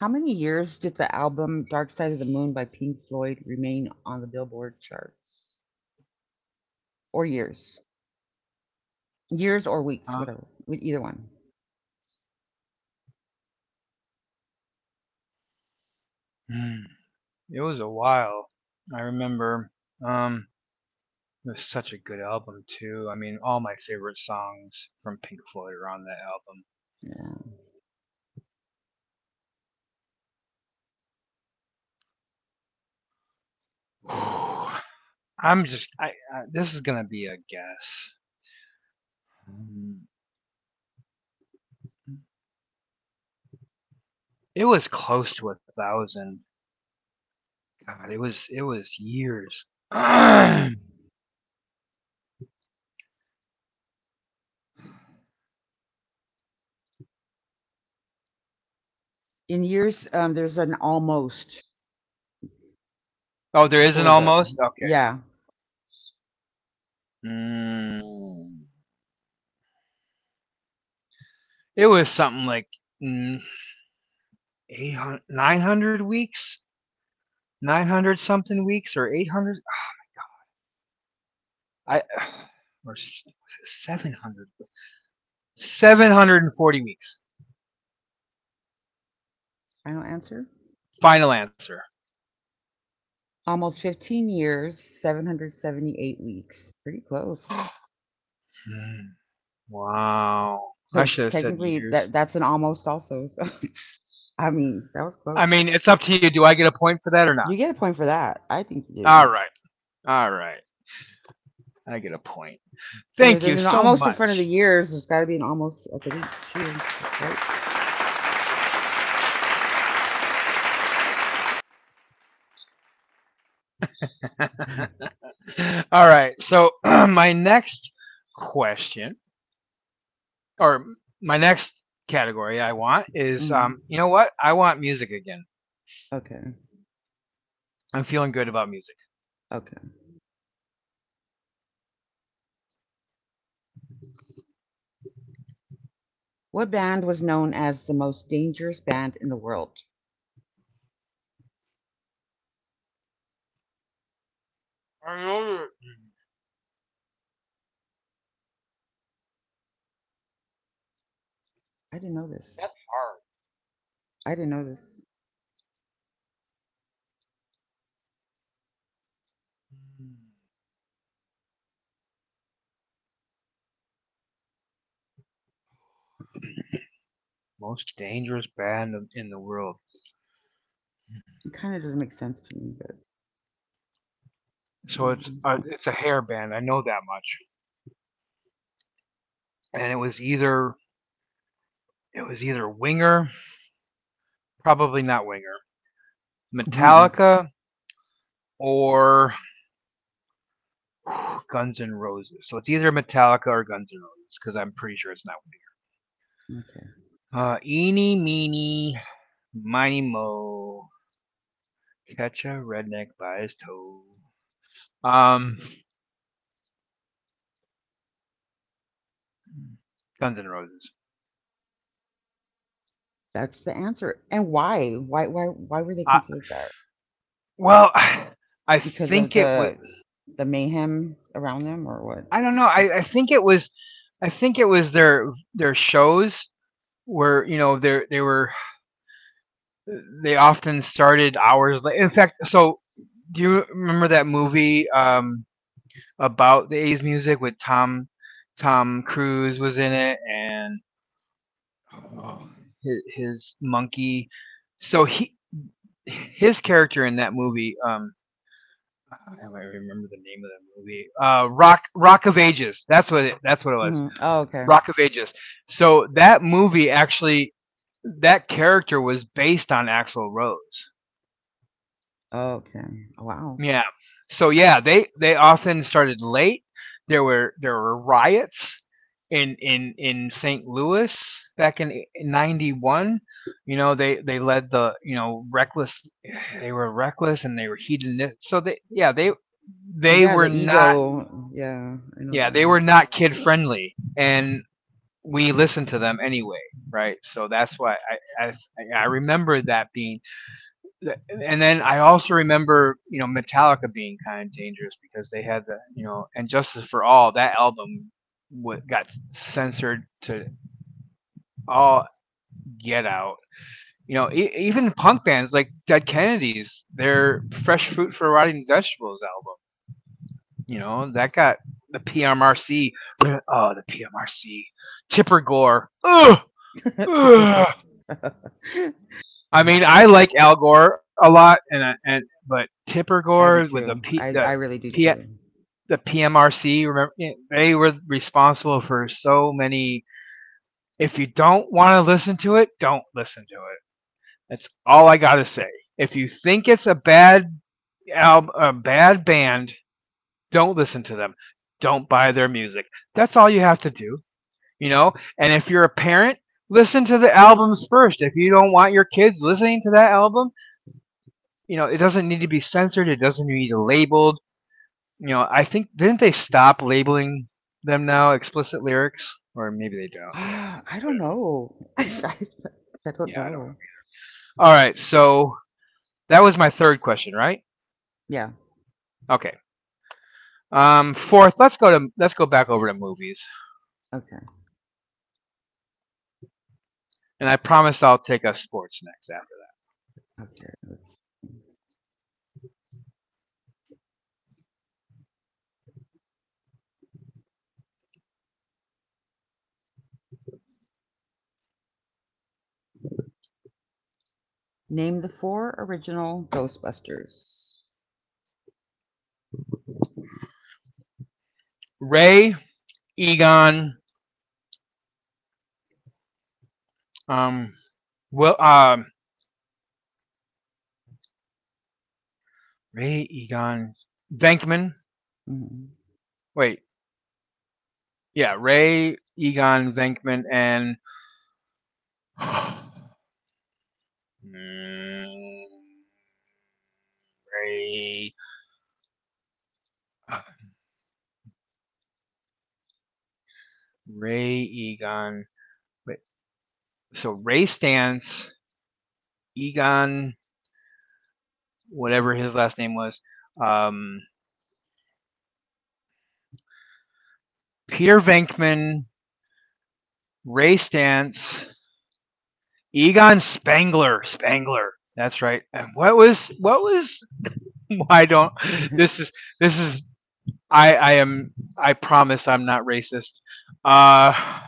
[SPEAKER 2] How many years did the album Dark Side of the Moon by Pink Floyd remain on the Billboard charts? Or years? Years or weeks,
[SPEAKER 1] next.
[SPEAKER 2] whatever. With either one.
[SPEAKER 1] Mm, it was a while. I remember. Um, it was such a good album too. I mean, all my favorite songs from Pink Floyd are on that
[SPEAKER 2] Yeah.
[SPEAKER 1] album. I'm just. I, I this is gonna be a guess. Mm, it was close to a thousand. God, it was years. Oh,
[SPEAKER 2] In years, there's an almost
[SPEAKER 1] there is an
[SPEAKER 2] before the,
[SPEAKER 1] almost. Okay.
[SPEAKER 2] yeah,
[SPEAKER 1] Mm, it was something like mm, 900 weeks, 900 something weeks, or 800. I or 700. 740 weeks.
[SPEAKER 2] final answer.
[SPEAKER 1] Final answer.
[SPEAKER 2] Almost 15 years, 778 weeks. Pretty close.
[SPEAKER 1] Hmm, wow. I
[SPEAKER 2] Because
[SPEAKER 1] should have said
[SPEAKER 2] technically that
[SPEAKER 1] years.
[SPEAKER 2] that's an almost also. So it's, I mean, that was
[SPEAKER 1] I mean,
[SPEAKER 2] close.
[SPEAKER 1] it's up to you. Do I get a point for that or not?
[SPEAKER 2] You get a point for that. I think you
[SPEAKER 1] All
[SPEAKER 2] do.
[SPEAKER 1] right. All right. I get a point. Thank
[SPEAKER 2] There's
[SPEAKER 1] you
[SPEAKER 2] an
[SPEAKER 1] so
[SPEAKER 2] almost in front of the
[SPEAKER 1] much.
[SPEAKER 2] years. There's got to be an almost at the weeks too, right?
[SPEAKER 1] All right. So my next question, or my next category I want is,
[SPEAKER 2] Hmm.
[SPEAKER 1] you know what? I want music again.
[SPEAKER 2] Okay.
[SPEAKER 1] I'm feeling good about music.
[SPEAKER 2] Okay. What band was known as the most dangerous band in the world?
[SPEAKER 1] I know you-
[SPEAKER 2] I didn't know this.
[SPEAKER 1] that's hard.
[SPEAKER 2] I didn't know this.
[SPEAKER 1] Most dangerous band in the world.
[SPEAKER 2] It kind of doesn't make sense to me, but.
[SPEAKER 1] So it's
[SPEAKER 2] Mm,
[SPEAKER 1] it's a hair band. I know that much. And it was either Winger, probably not Winger,
[SPEAKER 2] mm, mm,
[SPEAKER 1] Metallica or Guns N' Roses. So it's either Metallica or Guns N' Roses because I'm pretty sure it's not.
[SPEAKER 2] okay.
[SPEAKER 1] Eeny, meeny, miny, mo, catch a redneck by his toe. Um, Guns N' Roses.
[SPEAKER 2] That's the answer. And why? Why? Why? Why were they
[SPEAKER 1] Uh,
[SPEAKER 2] considered that?
[SPEAKER 1] well, I
[SPEAKER 2] Because
[SPEAKER 1] think
[SPEAKER 2] of
[SPEAKER 1] it was.
[SPEAKER 2] the mayhem around them, or what?
[SPEAKER 1] I don't know.
[SPEAKER 2] Just.
[SPEAKER 1] I think it was. I think it was their shows where, you know, they were they often started hours late. In fact, so do you remember that movie about the 80s music with Tom Cruise was in it and Oh, his monkey. So his character in that movie. I don't remember the name of that movie. Rock of Ages. That's that's what it was.
[SPEAKER 2] Hmm. Oh, okay.
[SPEAKER 1] Rock of Ages. So that movie actually, that character was based on Axl Rose.
[SPEAKER 2] Oh, okay. Wow.
[SPEAKER 1] Yeah. So yeah, they often started late. There were riots in St. Louis back in '91. You know, they led the, you know, reckless. They were reckless and they were hedonistic. So they, yeah, they
[SPEAKER 2] Yeah,
[SPEAKER 1] were
[SPEAKER 2] the
[SPEAKER 1] not
[SPEAKER 2] ego. Yeah, I know that.
[SPEAKER 1] kid friendly, and we listened to them anyway, right? So that's why i i, I remember that being. And then I also remember, you know, Metallica being kind of dangerous because they had the, you know, and Justice for All, that album wa got censored to all get out. You know, even punk bands like Dead Kennedys, their Fresh Fruit for Rotting Vegetables album, you know, that got the PMRC. Oh, the PMRC. Tipper Gore. Ugh,
[SPEAKER 2] Typical.
[SPEAKER 1] ugh.
[SPEAKER 2] I
[SPEAKER 1] I mean, I like Al Gore a lot, and but Tipper Gore
[SPEAKER 2] do
[SPEAKER 1] with
[SPEAKER 2] too. I really do
[SPEAKER 1] P,
[SPEAKER 2] too.
[SPEAKER 1] the PMRC, remember, eh, they were responsible for so many. If you don't want to listen to it, don't listen to it. That's all I gotta say. If you think it's a bad album, a bad band, don't listen to them. Don't buy their music. That's all you have to do, you know. And if you're a parent, listen to the albums first. If you don't want your kids listening to that album, you know, it doesn't need to be censored. It doesn't need to be labeled. You know, I think didn't they stop labeling them now explicit lyrics, or maybe they don't. Yeah,
[SPEAKER 2] Ah, I don't
[SPEAKER 1] whatever.
[SPEAKER 2] know. I don't
[SPEAKER 1] Yeah, I don't know.
[SPEAKER 2] know.
[SPEAKER 1] All right, so that was my third question, right?
[SPEAKER 2] Yeah.
[SPEAKER 1] Okay. Fourth, let's go back over to movies,
[SPEAKER 2] Okay.
[SPEAKER 1] and I promise I'll take us sports next after.
[SPEAKER 2] Okay. Let's name the four original Ghostbusters.
[SPEAKER 1] Ray Egon, um, will Ray Egon Venkman.
[SPEAKER 2] Mhm.
[SPEAKER 1] Wait, yeah, Ray Egon Venkman and. Ray. uh, Ray Egon. Wait, so Ray Stantz, Egon, whatever his last name was, um, Peter Venkman, Ray Stantz, Egon Spangler, Spangler. That's right. And what was what was? I don't. This is this is. I am. I promise I'm not racist. Uh,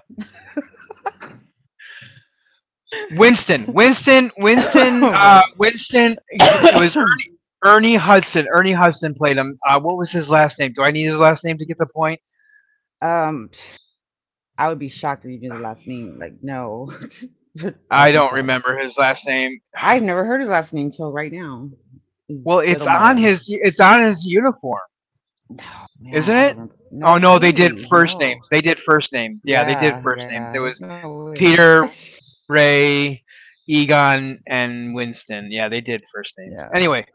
[SPEAKER 2] Right.
[SPEAKER 1] Winston. It was Ernie Hudson. Ernie Hudson played him. What was his last name? Do I need his last name to get the point?
[SPEAKER 2] um, I would be shocked if you knew the last name. Like, no, but I
[SPEAKER 1] I
[SPEAKER 2] would be
[SPEAKER 1] don't
[SPEAKER 2] shocked.
[SPEAKER 1] remember his last name.
[SPEAKER 2] I've never heard his last name till right now.
[SPEAKER 1] Well,
[SPEAKER 2] Is Zittlemore?
[SPEAKER 1] it's on his uniform,
[SPEAKER 2] No, man,
[SPEAKER 1] isn't
[SPEAKER 2] I don't
[SPEAKER 1] it?
[SPEAKER 2] remember. No
[SPEAKER 1] Oh no, they did
[SPEAKER 2] way.
[SPEAKER 1] first
[SPEAKER 2] No.
[SPEAKER 1] names. They did first names. Yeah, they did
[SPEAKER 2] Yeah,
[SPEAKER 1] first
[SPEAKER 2] yeah,
[SPEAKER 1] names. It
[SPEAKER 2] there's
[SPEAKER 1] was
[SPEAKER 2] no way.
[SPEAKER 1] Peter, Ray, Egon, and Winston. Yeah, they did first
[SPEAKER 2] Yeah.
[SPEAKER 1] names. Anyway,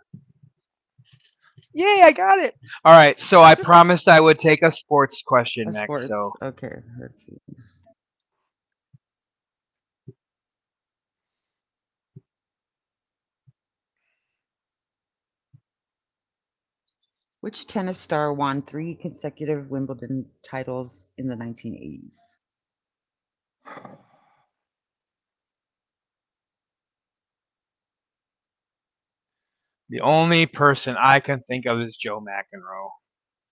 [SPEAKER 1] yay, I got it. All right, so I promised I would take a sports question next.
[SPEAKER 2] Sports.
[SPEAKER 1] So
[SPEAKER 2] Okay, let's see. Which tennis star won three consecutive Wimbledon titles in the 1980s?
[SPEAKER 1] the only person I can think of is Joe McEnroe.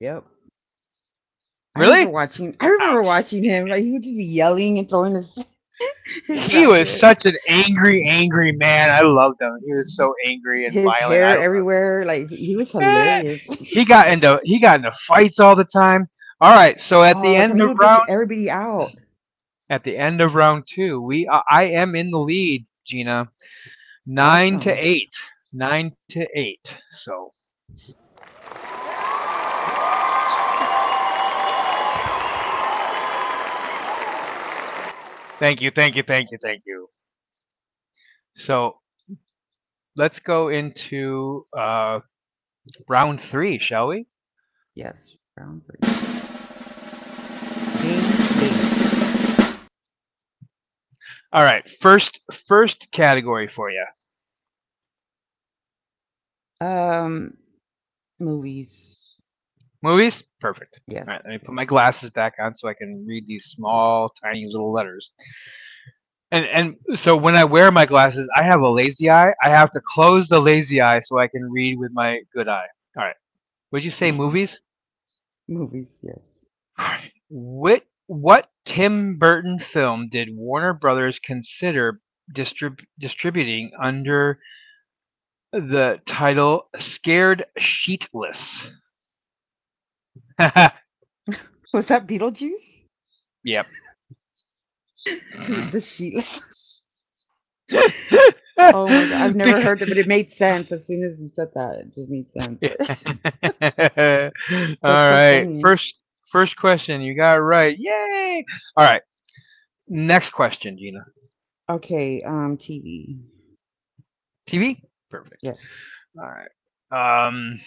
[SPEAKER 2] Yep. I
[SPEAKER 1] Really?
[SPEAKER 2] remember watching. I remember
[SPEAKER 1] Ouch.
[SPEAKER 2] watching him. Like he would just be yelling and throwing his his
[SPEAKER 1] He was
[SPEAKER 2] racket,
[SPEAKER 1] such an angry, angry man. I loved him. He was so angry and
[SPEAKER 2] his
[SPEAKER 1] violent.
[SPEAKER 2] hair
[SPEAKER 1] I loved.
[SPEAKER 2] everywhere. Like he was
[SPEAKER 1] Eh.
[SPEAKER 2] hilarious
[SPEAKER 1] He got into fights all the time. All right, so
[SPEAKER 2] all the
[SPEAKER 1] at
[SPEAKER 2] time.
[SPEAKER 1] the
[SPEAKER 2] He would
[SPEAKER 1] end
[SPEAKER 2] bitch
[SPEAKER 1] of round,
[SPEAKER 2] everybody out.
[SPEAKER 1] two, we I am in the lead, Gina, nine to
[SPEAKER 2] Awesome.
[SPEAKER 1] eight, nine to eight. So thank you, thank you, thank you, thank you. So let's go into, round three, shall we?
[SPEAKER 2] Yes, round three. Ding, ding.
[SPEAKER 1] All right, first category for you.
[SPEAKER 2] Um, Movies.
[SPEAKER 1] Movies? Perfect. All
[SPEAKER 2] Yes.
[SPEAKER 1] right, let me put my glasses back on so I can read these small, tiny little letters. And so when I wear my glasses, I have a lazy eye. I have to close the lazy eye so I can read with my good eye. All right. Would you say movies?
[SPEAKER 2] Movies, yes.
[SPEAKER 1] What Tim Burton film did Warner Brothers consider distributing under the title Scared Sheetless?
[SPEAKER 2] Was that Beetlejuice?
[SPEAKER 1] Yep.
[SPEAKER 2] The Sheetless? Oh my god, I've never
[SPEAKER 1] Because.
[SPEAKER 2] heard that, but it made sense as soon as you said that. It just made sense.
[SPEAKER 1] Yeah. All
[SPEAKER 2] That's so
[SPEAKER 1] right.
[SPEAKER 2] funny.
[SPEAKER 1] First question you got right. Yay. All right. Next question, Gina.
[SPEAKER 2] Okay, TV.
[SPEAKER 1] TV? Perfect.
[SPEAKER 2] Yes.
[SPEAKER 1] All right. Um,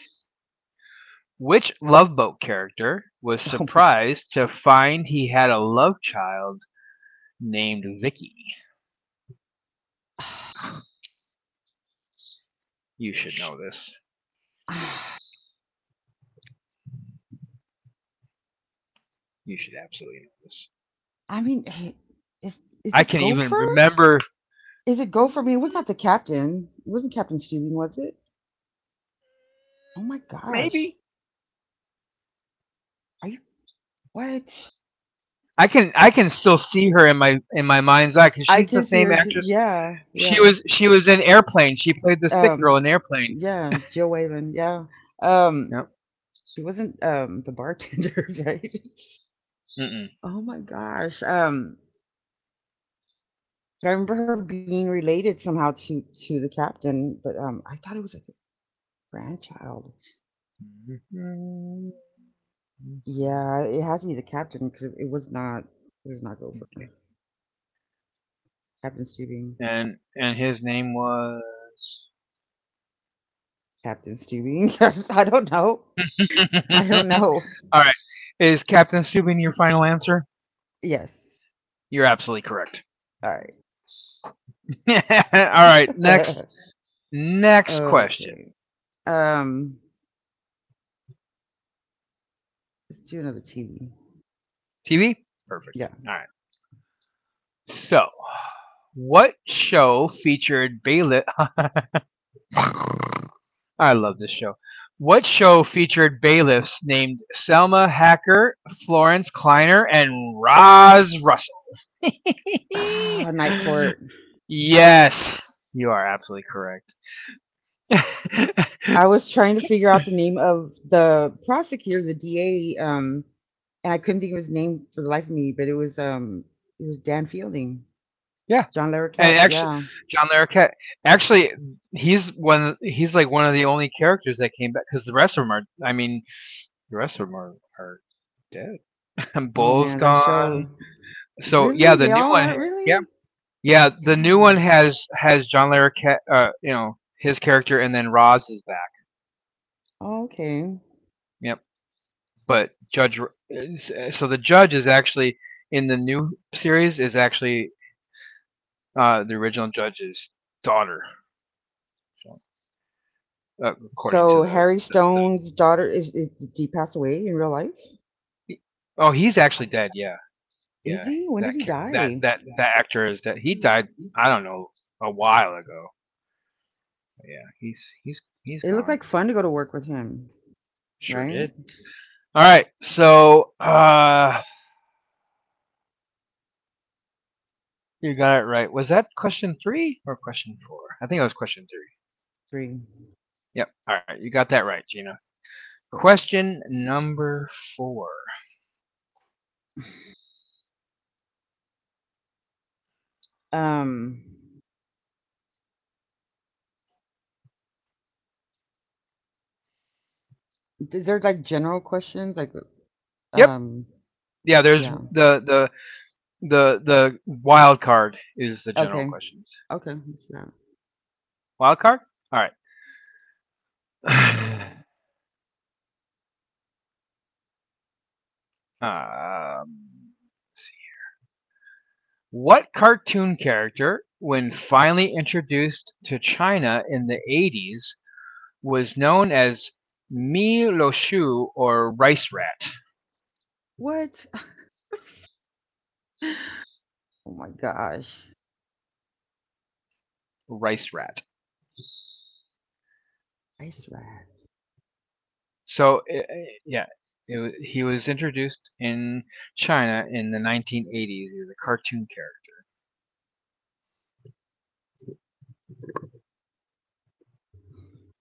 [SPEAKER 1] which Love Boat character was
[SPEAKER 2] Oh my god.
[SPEAKER 1] surprised to find he had a love child named Vicky? You should know this. You should absolutely know this.
[SPEAKER 2] I mean, eh, is
[SPEAKER 1] I
[SPEAKER 2] it
[SPEAKER 1] can even
[SPEAKER 2] Gopher?
[SPEAKER 1] remember
[SPEAKER 2] Is it Gopher? I mean, it was not the captain. It wasn't Captain Steven, was it? Oh my gosh.
[SPEAKER 1] maybe.
[SPEAKER 2] Are you what?
[SPEAKER 1] I can still see her in my mind's eye cuz
[SPEAKER 2] I
[SPEAKER 1] she's the
[SPEAKER 2] can see
[SPEAKER 1] same
[SPEAKER 2] her too.
[SPEAKER 1] actress.
[SPEAKER 2] Yeah,
[SPEAKER 1] She
[SPEAKER 2] yeah.
[SPEAKER 1] was she was in Airplane. She played the sick girl
[SPEAKER 2] Um,
[SPEAKER 1] in Airplane.
[SPEAKER 2] yeah, Jill Whalen, yeah. Um,
[SPEAKER 1] Yep.
[SPEAKER 2] she wasn't the bartender, right?
[SPEAKER 1] Mm-mm.
[SPEAKER 2] Oh my gosh. I remember her being related somehow to the captain, but I thought it was like a grandchild. Yeah, it has to be the captain because it was not. It was not Gopher. Captain Stubing.
[SPEAKER 1] And his name was.
[SPEAKER 2] Captain Stubing. I don't know. I don't know.
[SPEAKER 1] All right. Is Captain Subin your final answer?
[SPEAKER 2] Yes.
[SPEAKER 1] You're absolutely correct.
[SPEAKER 2] All
[SPEAKER 1] All right. Next
[SPEAKER 2] right.
[SPEAKER 1] next question.
[SPEAKER 2] okay. Um. Let's do another TV.
[SPEAKER 1] TV. Perfect.
[SPEAKER 2] Yeah.
[SPEAKER 1] All right. So, what show featured Bayliss? I love this show. What show featured bailiffs named Selma Hacker, Florence Kleiner, and Roz Russell?
[SPEAKER 2] Ah, Night Court.
[SPEAKER 1] Yes, you are absolutely correct.
[SPEAKER 2] I was trying to figure out the name of the prosecutor, the DA, and I couldn't think of his name for the life of me, but it was Dan Fielding.
[SPEAKER 1] Yeah,
[SPEAKER 2] John
[SPEAKER 1] and
[SPEAKER 2] Larroquette,
[SPEAKER 1] actually,
[SPEAKER 2] yeah.
[SPEAKER 1] John Larroquette. Actually, He's like one of the only characters that came back because the rest of them are. I mean, the rest of them are dead.
[SPEAKER 2] Oh
[SPEAKER 1] Bull's
[SPEAKER 2] man, that
[SPEAKER 1] gone.
[SPEAKER 2] show
[SPEAKER 1] So yeah,
[SPEAKER 2] really?
[SPEAKER 1] the
[SPEAKER 2] They
[SPEAKER 1] new
[SPEAKER 2] all
[SPEAKER 1] one.
[SPEAKER 2] are
[SPEAKER 1] Yeah,
[SPEAKER 2] really?
[SPEAKER 1] Yeah, the new
[SPEAKER 2] Yeah.
[SPEAKER 1] one has John Larroquette, you know, his character, and then Roz is back.
[SPEAKER 2] Oh, okay.
[SPEAKER 1] Yep. But Judge, so the judge is actually in the new series is actually the original judge's daughter, so, according to
[SPEAKER 2] So
[SPEAKER 1] the.
[SPEAKER 2] Harry Stone's daughter is, did he pass away in real life?
[SPEAKER 1] Oh, he's actually dead. Yeah, yeah.
[SPEAKER 2] Is he? When
[SPEAKER 1] That
[SPEAKER 2] did he
[SPEAKER 1] that
[SPEAKER 2] die?
[SPEAKER 1] that that actor is dead. He died. I don't
[SPEAKER 2] It
[SPEAKER 1] know, a while ago. But yeah, he's
[SPEAKER 2] looked
[SPEAKER 1] gone.
[SPEAKER 2] like fun to go to work with him.
[SPEAKER 1] Sure
[SPEAKER 2] Right?
[SPEAKER 1] did. All right. So you got it right. Was that question three or question four? I think it was question three.
[SPEAKER 2] Three.
[SPEAKER 1] Yep. All right. You got that right, Gina.
[SPEAKER 2] Cool.
[SPEAKER 1] Question number four.
[SPEAKER 2] Um, is there like general questions? Like,
[SPEAKER 1] Yep.
[SPEAKER 2] um,
[SPEAKER 1] Yeah. There's
[SPEAKER 2] yeah.
[SPEAKER 1] the wild card is the general
[SPEAKER 2] Okay.
[SPEAKER 1] questions.
[SPEAKER 2] Okay. Let's do that.
[SPEAKER 1] Wild card. All right. um, let's see. What cartoon character, when finally introduced to China in the 80s, was known as Mi Lo Shu or Rice Rat?
[SPEAKER 2] What? oh my gosh.
[SPEAKER 1] Rice Rat.
[SPEAKER 2] Rice rat.
[SPEAKER 1] So I yeah, it wa he was introduced in China in the 1980s. He was a cartoon character.
[SPEAKER 2] Rice rat.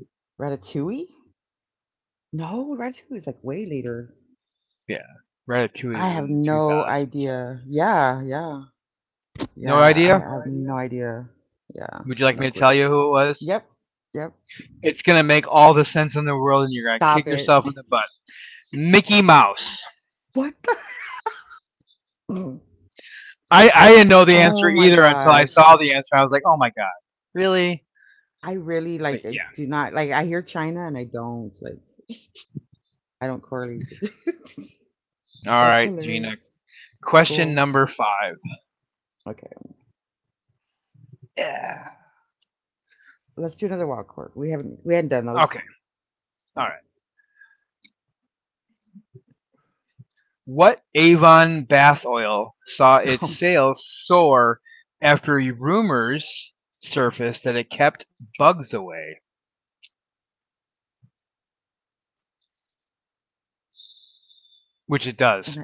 [SPEAKER 2] Ratatouille? No, Ratatouille is like way later.
[SPEAKER 1] Yeah, Ratatouille
[SPEAKER 2] I
[SPEAKER 1] is
[SPEAKER 2] have
[SPEAKER 1] in the
[SPEAKER 2] no
[SPEAKER 1] 2000s.
[SPEAKER 2] idea. Yeah, yeah,
[SPEAKER 1] No
[SPEAKER 2] yeah. I
[SPEAKER 1] idea?
[SPEAKER 2] I have no idea. Yeah,
[SPEAKER 1] Would you like
[SPEAKER 2] no
[SPEAKER 1] me to
[SPEAKER 2] clue.
[SPEAKER 1] tell you who it was?
[SPEAKER 2] Yep, yep.
[SPEAKER 1] It's gonna make all the sense in the world, and you're gonna kick
[SPEAKER 2] Stop it.
[SPEAKER 1] yourself in the butt. Mickey Mouse.
[SPEAKER 2] what the?
[SPEAKER 1] I didn't know the answer
[SPEAKER 2] Oh my
[SPEAKER 1] either until I saw
[SPEAKER 2] gosh.
[SPEAKER 1] the answer. I was like, oh my god, really?
[SPEAKER 2] I really
[SPEAKER 1] But
[SPEAKER 2] like I
[SPEAKER 1] yeah.
[SPEAKER 2] do not like I hear China and I don't like I don't correlate the two.
[SPEAKER 1] All
[SPEAKER 2] That's
[SPEAKER 1] right, Gina.
[SPEAKER 2] hilarious.
[SPEAKER 1] Question
[SPEAKER 2] Cool.
[SPEAKER 1] number five.
[SPEAKER 2] Okay.
[SPEAKER 1] Yeah.
[SPEAKER 2] Let's do another wild card. We hadn't done
[SPEAKER 1] Okay.
[SPEAKER 2] those.
[SPEAKER 1] All
[SPEAKER 2] Yeah.
[SPEAKER 1] right. What Avon bath oil saw its
[SPEAKER 2] Oh,
[SPEAKER 1] sales soar after rumors surfaced that it kept bugs away, which it
[SPEAKER 2] and
[SPEAKER 1] does.
[SPEAKER 2] I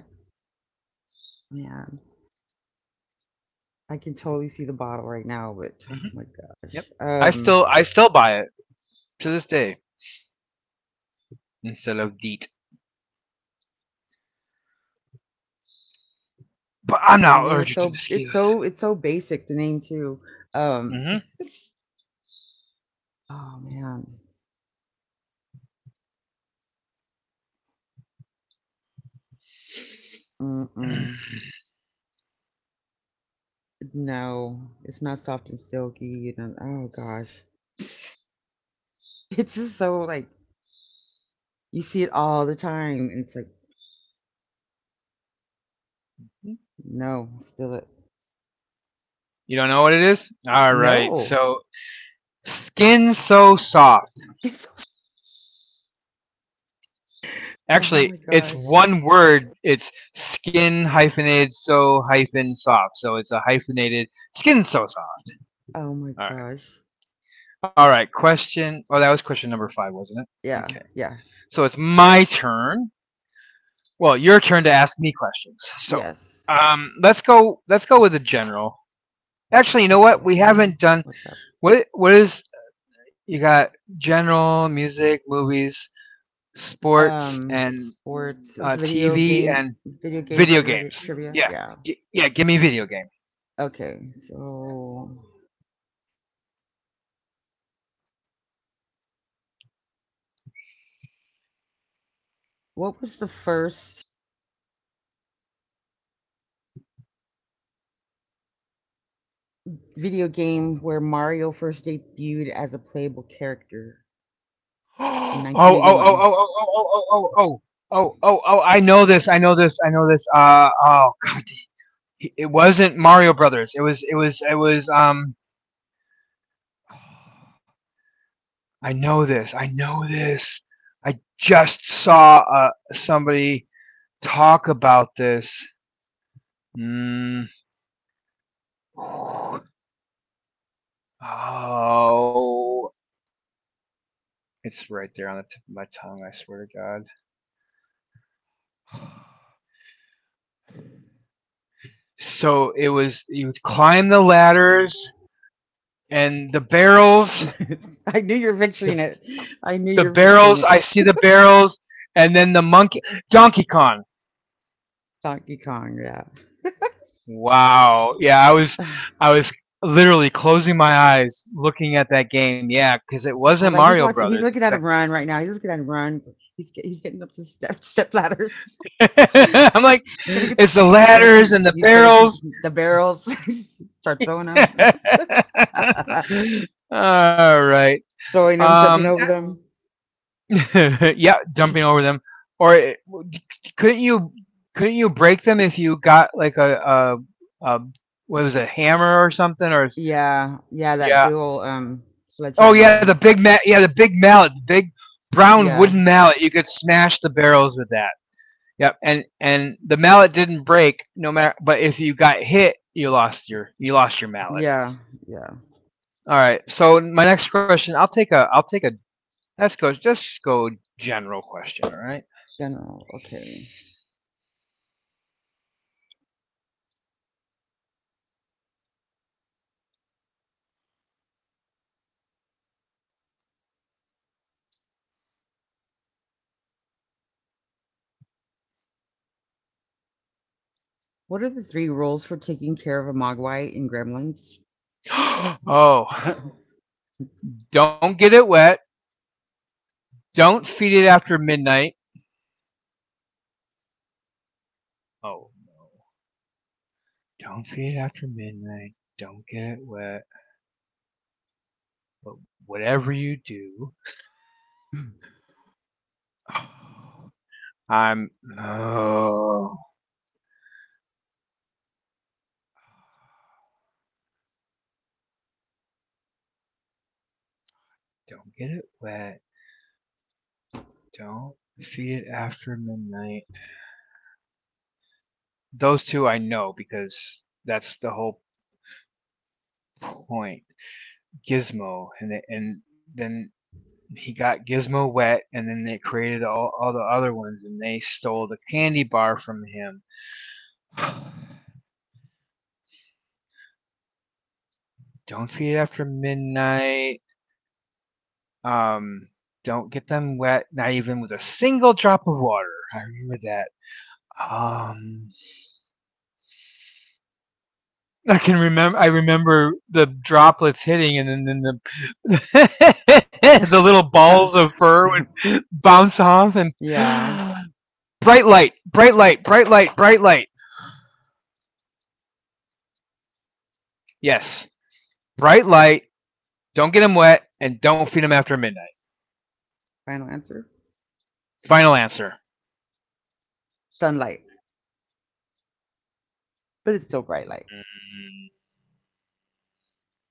[SPEAKER 2] man, I can totally see the bottle right now, but oh
[SPEAKER 1] Hmm
[SPEAKER 2] my
[SPEAKER 1] Yep.
[SPEAKER 2] gosh.
[SPEAKER 1] I still I still buy it to this day instead of DEET. But I'm
[SPEAKER 2] And the
[SPEAKER 1] not
[SPEAKER 2] name is
[SPEAKER 1] allergic to mosquitoes.
[SPEAKER 2] so basic, the name too. Um
[SPEAKER 1] Hmm
[SPEAKER 2] oh man. Mm-mm. No, it's not soft and silky, oh gosh. It's just so, like, you see it all the time, and it's like, "No, spill it."
[SPEAKER 1] You don't know what it is? All right.
[SPEAKER 2] No.
[SPEAKER 1] So, skin so soft.
[SPEAKER 2] It's so Oh
[SPEAKER 1] Actually,
[SPEAKER 2] my
[SPEAKER 1] it's
[SPEAKER 2] gosh.
[SPEAKER 1] one word. It's skin hyphenated so hyphen soft. So it's a hyphenated skin so soft.
[SPEAKER 2] Oh my
[SPEAKER 1] All right.
[SPEAKER 2] gosh.
[SPEAKER 1] All right, question. Oh, that was question number five, wasn't it? Okay.
[SPEAKER 2] Yeah, yeah,
[SPEAKER 1] So it's my turn. Well, your turn to ask me questions. So,
[SPEAKER 2] yes.
[SPEAKER 1] let's go. Let's go with the general. Actually, you know
[SPEAKER 2] Okay,
[SPEAKER 1] what? We
[SPEAKER 2] general,
[SPEAKER 1] haven't done.
[SPEAKER 2] what's up?
[SPEAKER 1] What? What is? You got general, music, movies, sports, and
[SPEAKER 2] Sports,
[SPEAKER 1] TV, and
[SPEAKER 2] video game
[SPEAKER 1] video
[SPEAKER 2] chiri
[SPEAKER 1] games.
[SPEAKER 2] trivia?
[SPEAKER 1] Yeah.
[SPEAKER 2] Yeah.
[SPEAKER 1] Yeah. Give me video game.
[SPEAKER 2] Okay, so what was the first video game where Mario first debuted as a playable character in
[SPEAKER 1] Oh. Oh. Oh. Oh.
[SPEAKER 2] 1981?
[SPEAKER 1] Oh. Oh. Oh. Oh. Oh. Oh. Oh. Oh. I know this. Oh. God, it wasn't Mario Brothers. It was I know this. I just saw somebody talk about this. Mm. Oh, it's right there on the tip of my tongue. I swear to God. So it was you would climb the ladders and the barrels.
[SPEAKER 2] I knew you were picturing it.
[SPEAKER 1] The
[SPEAKER 2] I knew you were
[SPEAKER 1] the
[SPEAKER 2] picturing it.
[SPEAKER 1] barrels. I see the barrels, and then the monkey. Donkey Kong.
[SPEAKER 2] Donkey Kong, yeah.
[SPEAKER 1] Wow. Yeah, I was literally closing my eyes looking at that game. Yeah, cuz it
[SPEAKER 2] I
[SPEAKER 1] wasn't
[SPEAKER 2] was like, he's
[SPEAKER 1] Mario
[SPEAKER 2] watching. He's
[SPEAKER 1] Brothers.
[SPEAKER 2] looking
[SPEAKER 1] In
[SPEAKER 2] at him run right now. He's looking at him run. He's getting up to step ladders.
[SPEAKER 1] fact,
[SPEAKER 2] he's
[SPEAKER 1] I'm like
[SPEAKER 2] gonna get.
[SPEAKER 1] it's the
[SPEAKER 2] He's gonna
[SPEAKER 1] ladders
[SPEAKER 2] see.
[SPEAKER 1] and the
[SPEAKER 2] He's gonna see
[SPEAKER 1] barrels.
[SPEAKER 2] the barrels. Start throwing them.
[SPEAKER 1] All right.
[SPEAKER 2] throwing them, jumping
[SPEAKER 1] Um
[SPEAKER 2] over them. Wow.
[SPEAKER 1] yeah, jumping over them or couldn't you couldn't you break them if you got like a what was it, hammer or something
[SPEAKER 2] Yeah, yeah. That
[SPEAKER 1] yeah.
[SPEAKER 2] Bill
[SPEAKER 1] Oh
[SPEAKER 2] sledgehammer.
[SPEAKER 1] yeah,
[SPEAKER 2] Yeah,
[SPEAKER 1] the big mallet, the big brown
[SPEAKER 2] yeah.
[SPEAKER 1] wooden mallet. You could smash the barrels with that. Yep, and the mallet didn't break no matter. But if you got hit, you lost your mallet.
[SPEAKER 2] Yeah, yeah.
[SPEAKER 1] All right. So my next question, I'll take a let's go general question. All right.
[SPEAKER 2] General, okay. What are the three rules for taking care of a Mogwai in Gremlins?
[SPEAKER 1] Oh, don't get it wet. Don't feed it after midnight. Oh no. Don't feed it after midnight. Don't get it wet. But whatever you do. Oh. I'm. Oh, don't get it wet. Don't feed it after midnight. Those two I know because that's the whole point. Gizmo, and then he got Gizmo wet, and then they created all the other ones, and they stole the candy bar from him. Don't feed it after midnight. Um, don't get them wet, not even with a single drop of water. I remember that. Um, I can remember. I remember the droplets hitting, and then the the little balls of fur would bounce off. And
[SPEAKER 2] Yeah,
[SPEAKER 1] bright light. Yes, bright light. Don't get them wet, and don't feed them after midnight.
[SPEAKER 2] final answer.
[SPEAKER 1] Final answer.
[SPEAKER 2] Sunlight, but it's still bright light.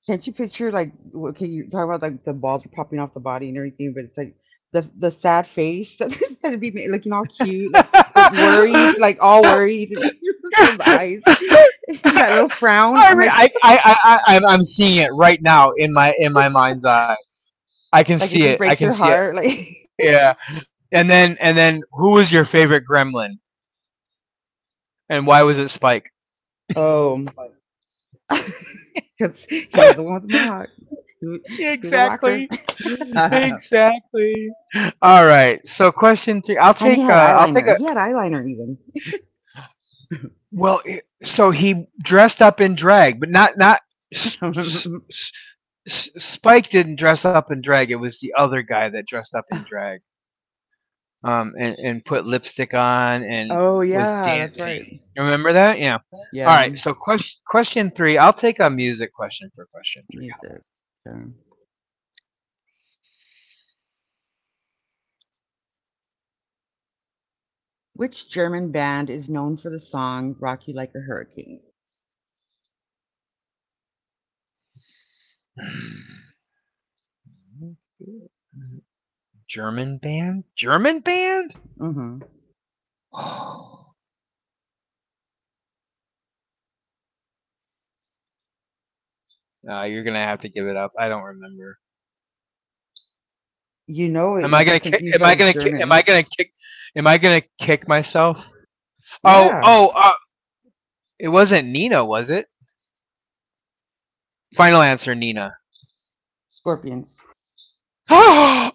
[SPEAKER 2] Can't you picture like okay, you talk about like the balls are popping off the body and everything, but it's like the sad face that that'd be looking all cute, like but worried, like all worried, and just those eyes, that little frown.
[SPEAKER 1] I,
[SPEAKER 2] I'm
[SPEAKER 1] re- I, I'm seeing it right now in my mind's eye.
[SPEAKER 2] like it just
[SPEAKER 1] I
[SPEAKER 2] breaks
[SPEAKER 1] can
[SPEAKER 2] your
[SPEAKER 1] see it.
[SPEAKER 2] heart, like.
[SPEAKER 1] Yeah. And then who was your favorite gremlin, and why was it Spike?
[SPEAKER 2] Oh. because he was the one with the mohawk. He, wa- he was a rocker,
[SPEAKER 1] Exactly.
[SPEAKER 2] and
[SPEAKER 1] Exactly. All right. So question 3. I'll
[SPEAKER 2] he
[SPEAKER 1] take
[SPEAKER 2] had
[SPEAKER 1] uh I'll
[SPEAKER 2] eyeliner.
[SPEAKER 1] take
[SPEAKER 2] He
[SPEAKER 1] a
[SPEAKER 2] had eyeliner
[SPEAKER 1] so he dressed up in drag, but not not S- S-
[SPEAKER 2] even.
[SPEAKER 1] S- s- Spike didn't dress up in drag. It was the other guy that dressed up in drag. And put lipstick on and
[SPEAKER 2] oh
[SPEAKER 1] was
[SPEAKER 2] yeah, that's
[SPEAKER 1] dancing.
[SPEAKER 2] right.
[SPEAKER 1] Remember that? Yeah. All
[SPEAKER 2] Yeah,
[SPEAKER 1] right. So question 3. I'll take a music question for question 3.
[SPEAKER 2] music. Yeah. Which German band is known for the song "Rock You Like a Hurricane"?
[SPEAKER 1] German band? German band?
[SPEAKER 2] Hmm.
[SPEAKER 1] Oh, no, you're gonna have to give it up. I don't remember.
[SPEAKER 2] You know
[SPEAKER 1] Am
[SPEAKER 2] it.
[SPEAKER 1] I
[SPEAKER 2] You're
[SPEAKER 1] gonna
[SPEAKER 2] just
[SPEAKER 1] kick? Am
[SPEAKER 2] confused
[SPEAKER 1] I
[SPEAKER 2] by the
[SPEAKER 1] gonna kick? Am I
[SPEAKER 2] German.
[SPEAKER 1] gonna kick? Am I gonna kick myself? Oh,
[SPEAKER 2] Yeah,
[SPEAKER 1] it wasn't Nina, was it? Final answer, Nina.
[SPEAKER 2] Scorpions.
[SPEAKER 1] Oh!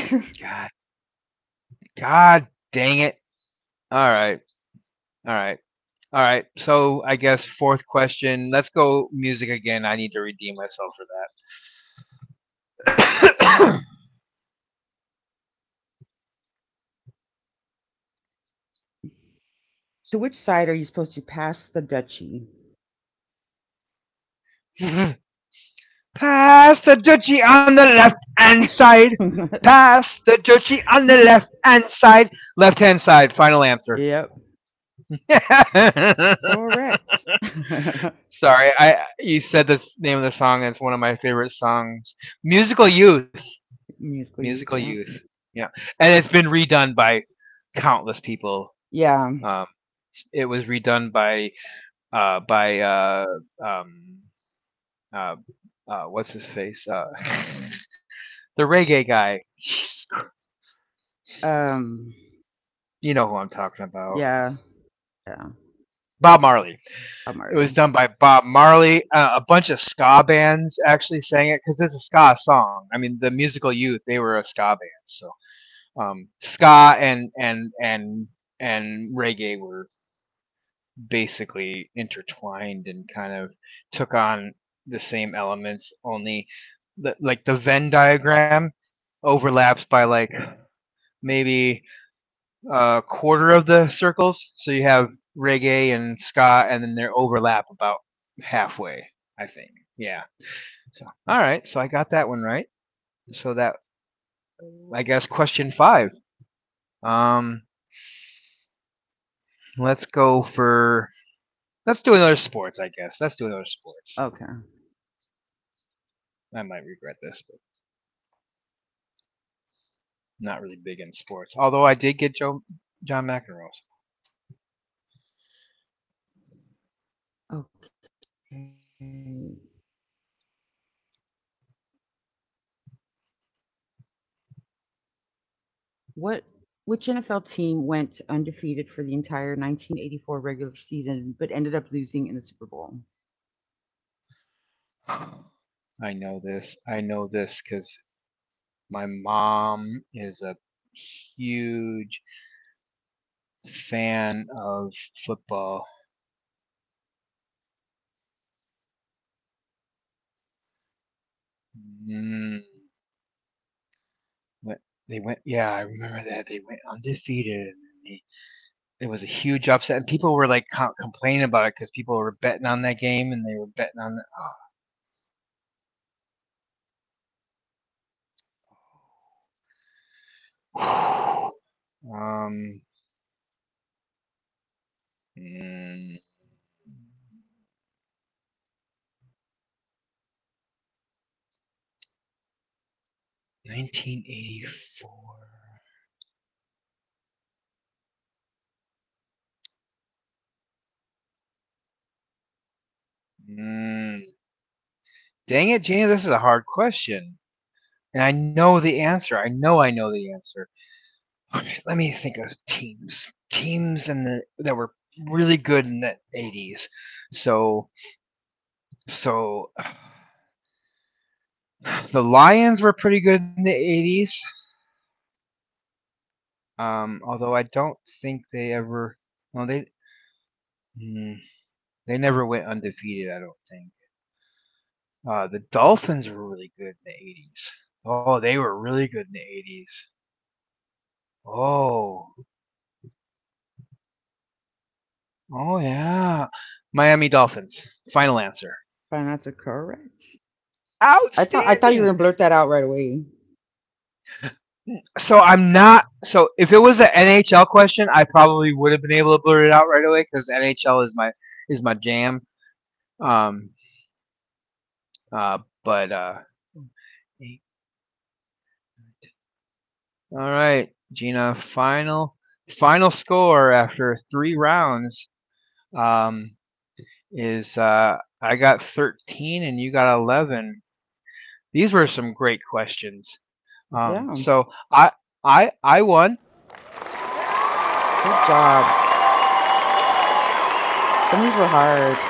[SPEAKER 2] to
[SPEAKER 1] God, God, dang it! All right, all right, all right. So I guess fourth question. Let's go music again. I need to redeem myself for that.
[SPEAKER 2] which side are you supposed to pass the duchy?
[SPEAKER 1] Pass the Dutchie on the left hand side. Pass the Dutchie on the left hand side. Left hand side. Final answer.
[SPEAKER 2] yep, correct.
[SPEAKER 1] Sorry, I you said the name of the song. And it's one of my favorite songs. Musical Youth.
[SPEAKER 2] musical
[SPEAKER 1] Musical
[SPEAKER 2] youth.
[SPEAKER 1] Youth.
[SPEAKER 2] Yeah.
[SPEAKER 1] Yeah, and it's been redone by countless people.
[SPEAKER 2] Yeah.
[SPEAKER 1] Um, it was redone by uh, by uh, um, uh, what's his face? The reggae guy. Jeez.
[SPEAKER 2] Um.
[SPEAKER 1] You know who I'm talking about.
[SPEAKER 2] Yeah. Yeah.
[SPEAKER 1] Bob Marley.
[SPEAKER 2] I'm
[SPEAKER 1] It was
[SPEAKER 2] early.
[SPEAKER 1] done by Bob Marley. A bunch of ska bands actually sang it because it's a ska song. I mean, the musical youth they were a ska band, so ska and reggae were basically intertwined and kind of took on the same elements. Only the Venn diagram overlaps by like maybe quarter of the circles. So you have reggae and ska, and then they overlap about halfway, I think. Yeah. So all right. So I got that one right. So that I guess question five. Um, let's go for let's do another sports.
[SPEAKER 2] Okay.
[SPEAKER 1] I might regret this, but not really big in sports. Although I did get Joe John McEnroe's.
[SPEAKER 2] Okay. What? Which NFL team went undefeated for the entire 1984 regular season, but ended up losing in the Super Bowl?
[SPEAKER 1] I know this because my mom is a huge fan of football. Mm, they went, yeah, I remember that. They went undefeated. They, it was a huge upset. And people were like complaining about it because people were betting on that game and they were betting on that. Oh. um, mm, 1984. Mm, dang it, Janie, this is a hard question. And I know the answer. I know the answer. Okay, let me think of teams. Teams in the that were really good in the 80s. So so the Lions were pretty good in the 80s. Although I don't think they ever. Well, they, mm, they never went undefeated. I don't think. The Dolphins were really good in the 80s. Oh, they were really good in the 80s. Oh, oh yeah. Miami Dolphins. Final answer.
[SPEAKER 2] Fine, that's a correct. I thought you were
[SPEAKER 1] Outstanding.
[SPEAKER 2] gonna blurt that out right away.
[SPEAKER 1] So I'm not. So if it was an NHL question, I probably would have been able to blurt it out right away because NHL is my jam. Um, uh, but all right, Gina. Final score after three rounds um, is I got 13 and you got 11. These were some great questions. Um,
[SPEAKER 2] Yeah.
[SPEAKER 1] so I I won.
[SPEAKER 2] Good job. Some of these were hard,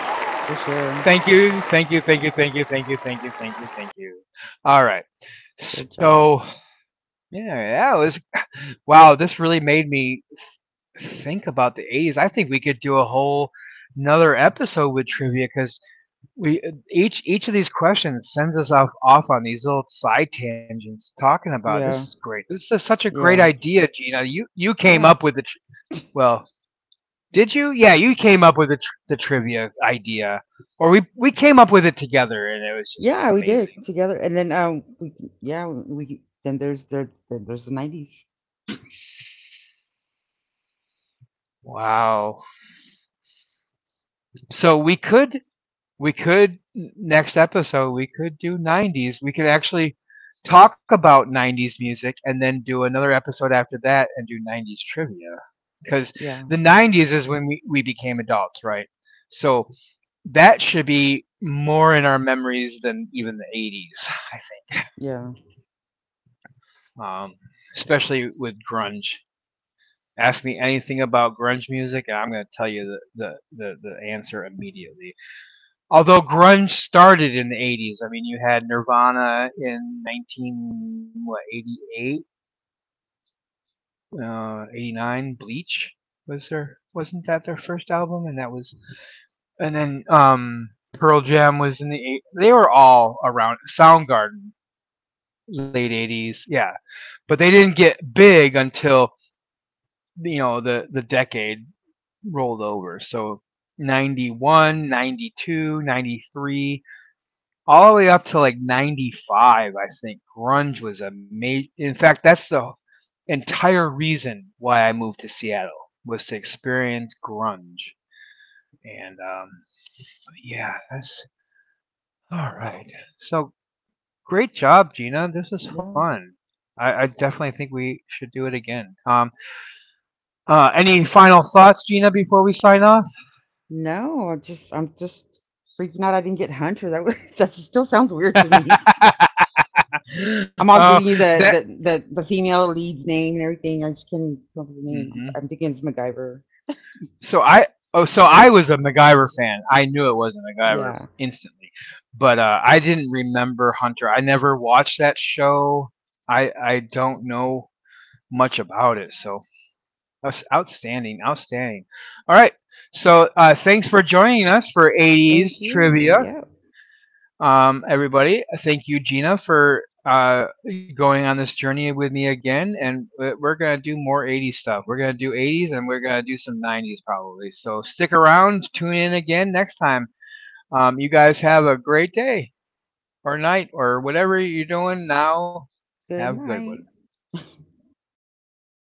[SPEAKER 2] for
[SPEAKER 1] Thank
[SPEAKER 2] sure.
[SPEAKER 1] you, thank you, thank you, thank you, thank you, thank you, thank you, thank you. All right.
[SPEAKER 2] Good
[SPEAKER 1] So
[SPEAKER 2] job.
[SPEAKER 1] yeah, that was wow. This really made me think about the '80s. I think we could do a whole another episode with trivia because we each of these questions sends us off on these little side tangents talking about. This is
[SPEAKER 2] Yeah.
[SPEAKER 1] great. This is such a great
[SPEAKER 2] Yeah.
[SPEAKER 1] idea, Gina. You came
[SPEAKER 2] Yeah.
[SPEAKER 1] up with the tr- well. Did you? Yeah, you came up with the, the trivia idea, or we came up with it together, and it was just
[SPEAKER 2] Yeah, we did
[SPEAKER 1] amazing.
[SPEAKER 2] together, and then, we yeah, we then there's the 90s.
[SPEAKER 1] Wow. So we could next episode we could do 90s. We could actually talk about 90s music and then do another episode after that and do 90s trivia because
[SPEAKER 2] Yeah,
[SPEAKER 1] the
[SPEAKER 2] but
[SPEAKER 1] 90s is when we became adults, right? So that should be more in our memories than even the 80s, I think.
[SPEAKER 2] yeah,
[SPEAKER 1] Um, especially with grunge. Ask me anything about grunge music, and I'm going to tell you the answer immediately. Although grunge started in the 80s, I mean, you had Nirvana in 1988, 89, Bleach was there. Wasn't that their first album? And that was, and then Pearl Jam was in the eight. They were all around Soundgarden, late '80s, yeah. But they didn't get big until you know the decade rolled over. So 91, 92, 93, all the way up to like 95, I think. Grunge was a major. In fact, that's the entire reason why I moved to Seattle was to experience grunge. And yeah, that's all right. So great job, Gina. This was
[SPEAKER 2] yeah.
[SPEAKER 1] fun. I definitely think we should do it again. Any final thoughts, Gina, before we sign off?
[SPEAKER 2] No, I'm just freaking out I didn't get Hunter. That was that still sounds weird to me. I'm all
[SPEAKER 1] Oh,
[SPEAKER 2] giving you
[SPEAKER 1] that.
[SPEAKER 2] the female lead's name and everything. I just can't come up with the name.
[SPEAKER 1] Hmm
[SPEAKER 2] I'm thinking it's MacGyver.
[SPEAKER 1] So I. Oh, so I was a MacGyver fan. I knew it wasn't MacGyver
[SPEAKER 2] Yeah.
[SPEAKER 1] instantly, but I didn't remember Hunter. I never watched that show. I don't know much about it. So that's outstanding. All right. So thanks for joining us for 80s
[SPEAKER 2] Thank
[SPEAKER 1] trivia.
[SPEAKER 2] you. Yeah.
[SPEAKER 1] Everybody. Thank you, Gina, for going on this journey with me again. Are going to do more 80s stuff. We're going to do 80s and we're going to do some 90s probably. So stick around, tune in again next time. You guys have a great day or night or whatever you're doing now. Have a
[SPEAKER 2] Good
[SPEAKER 1] good one.
[SPEAKER 2] night.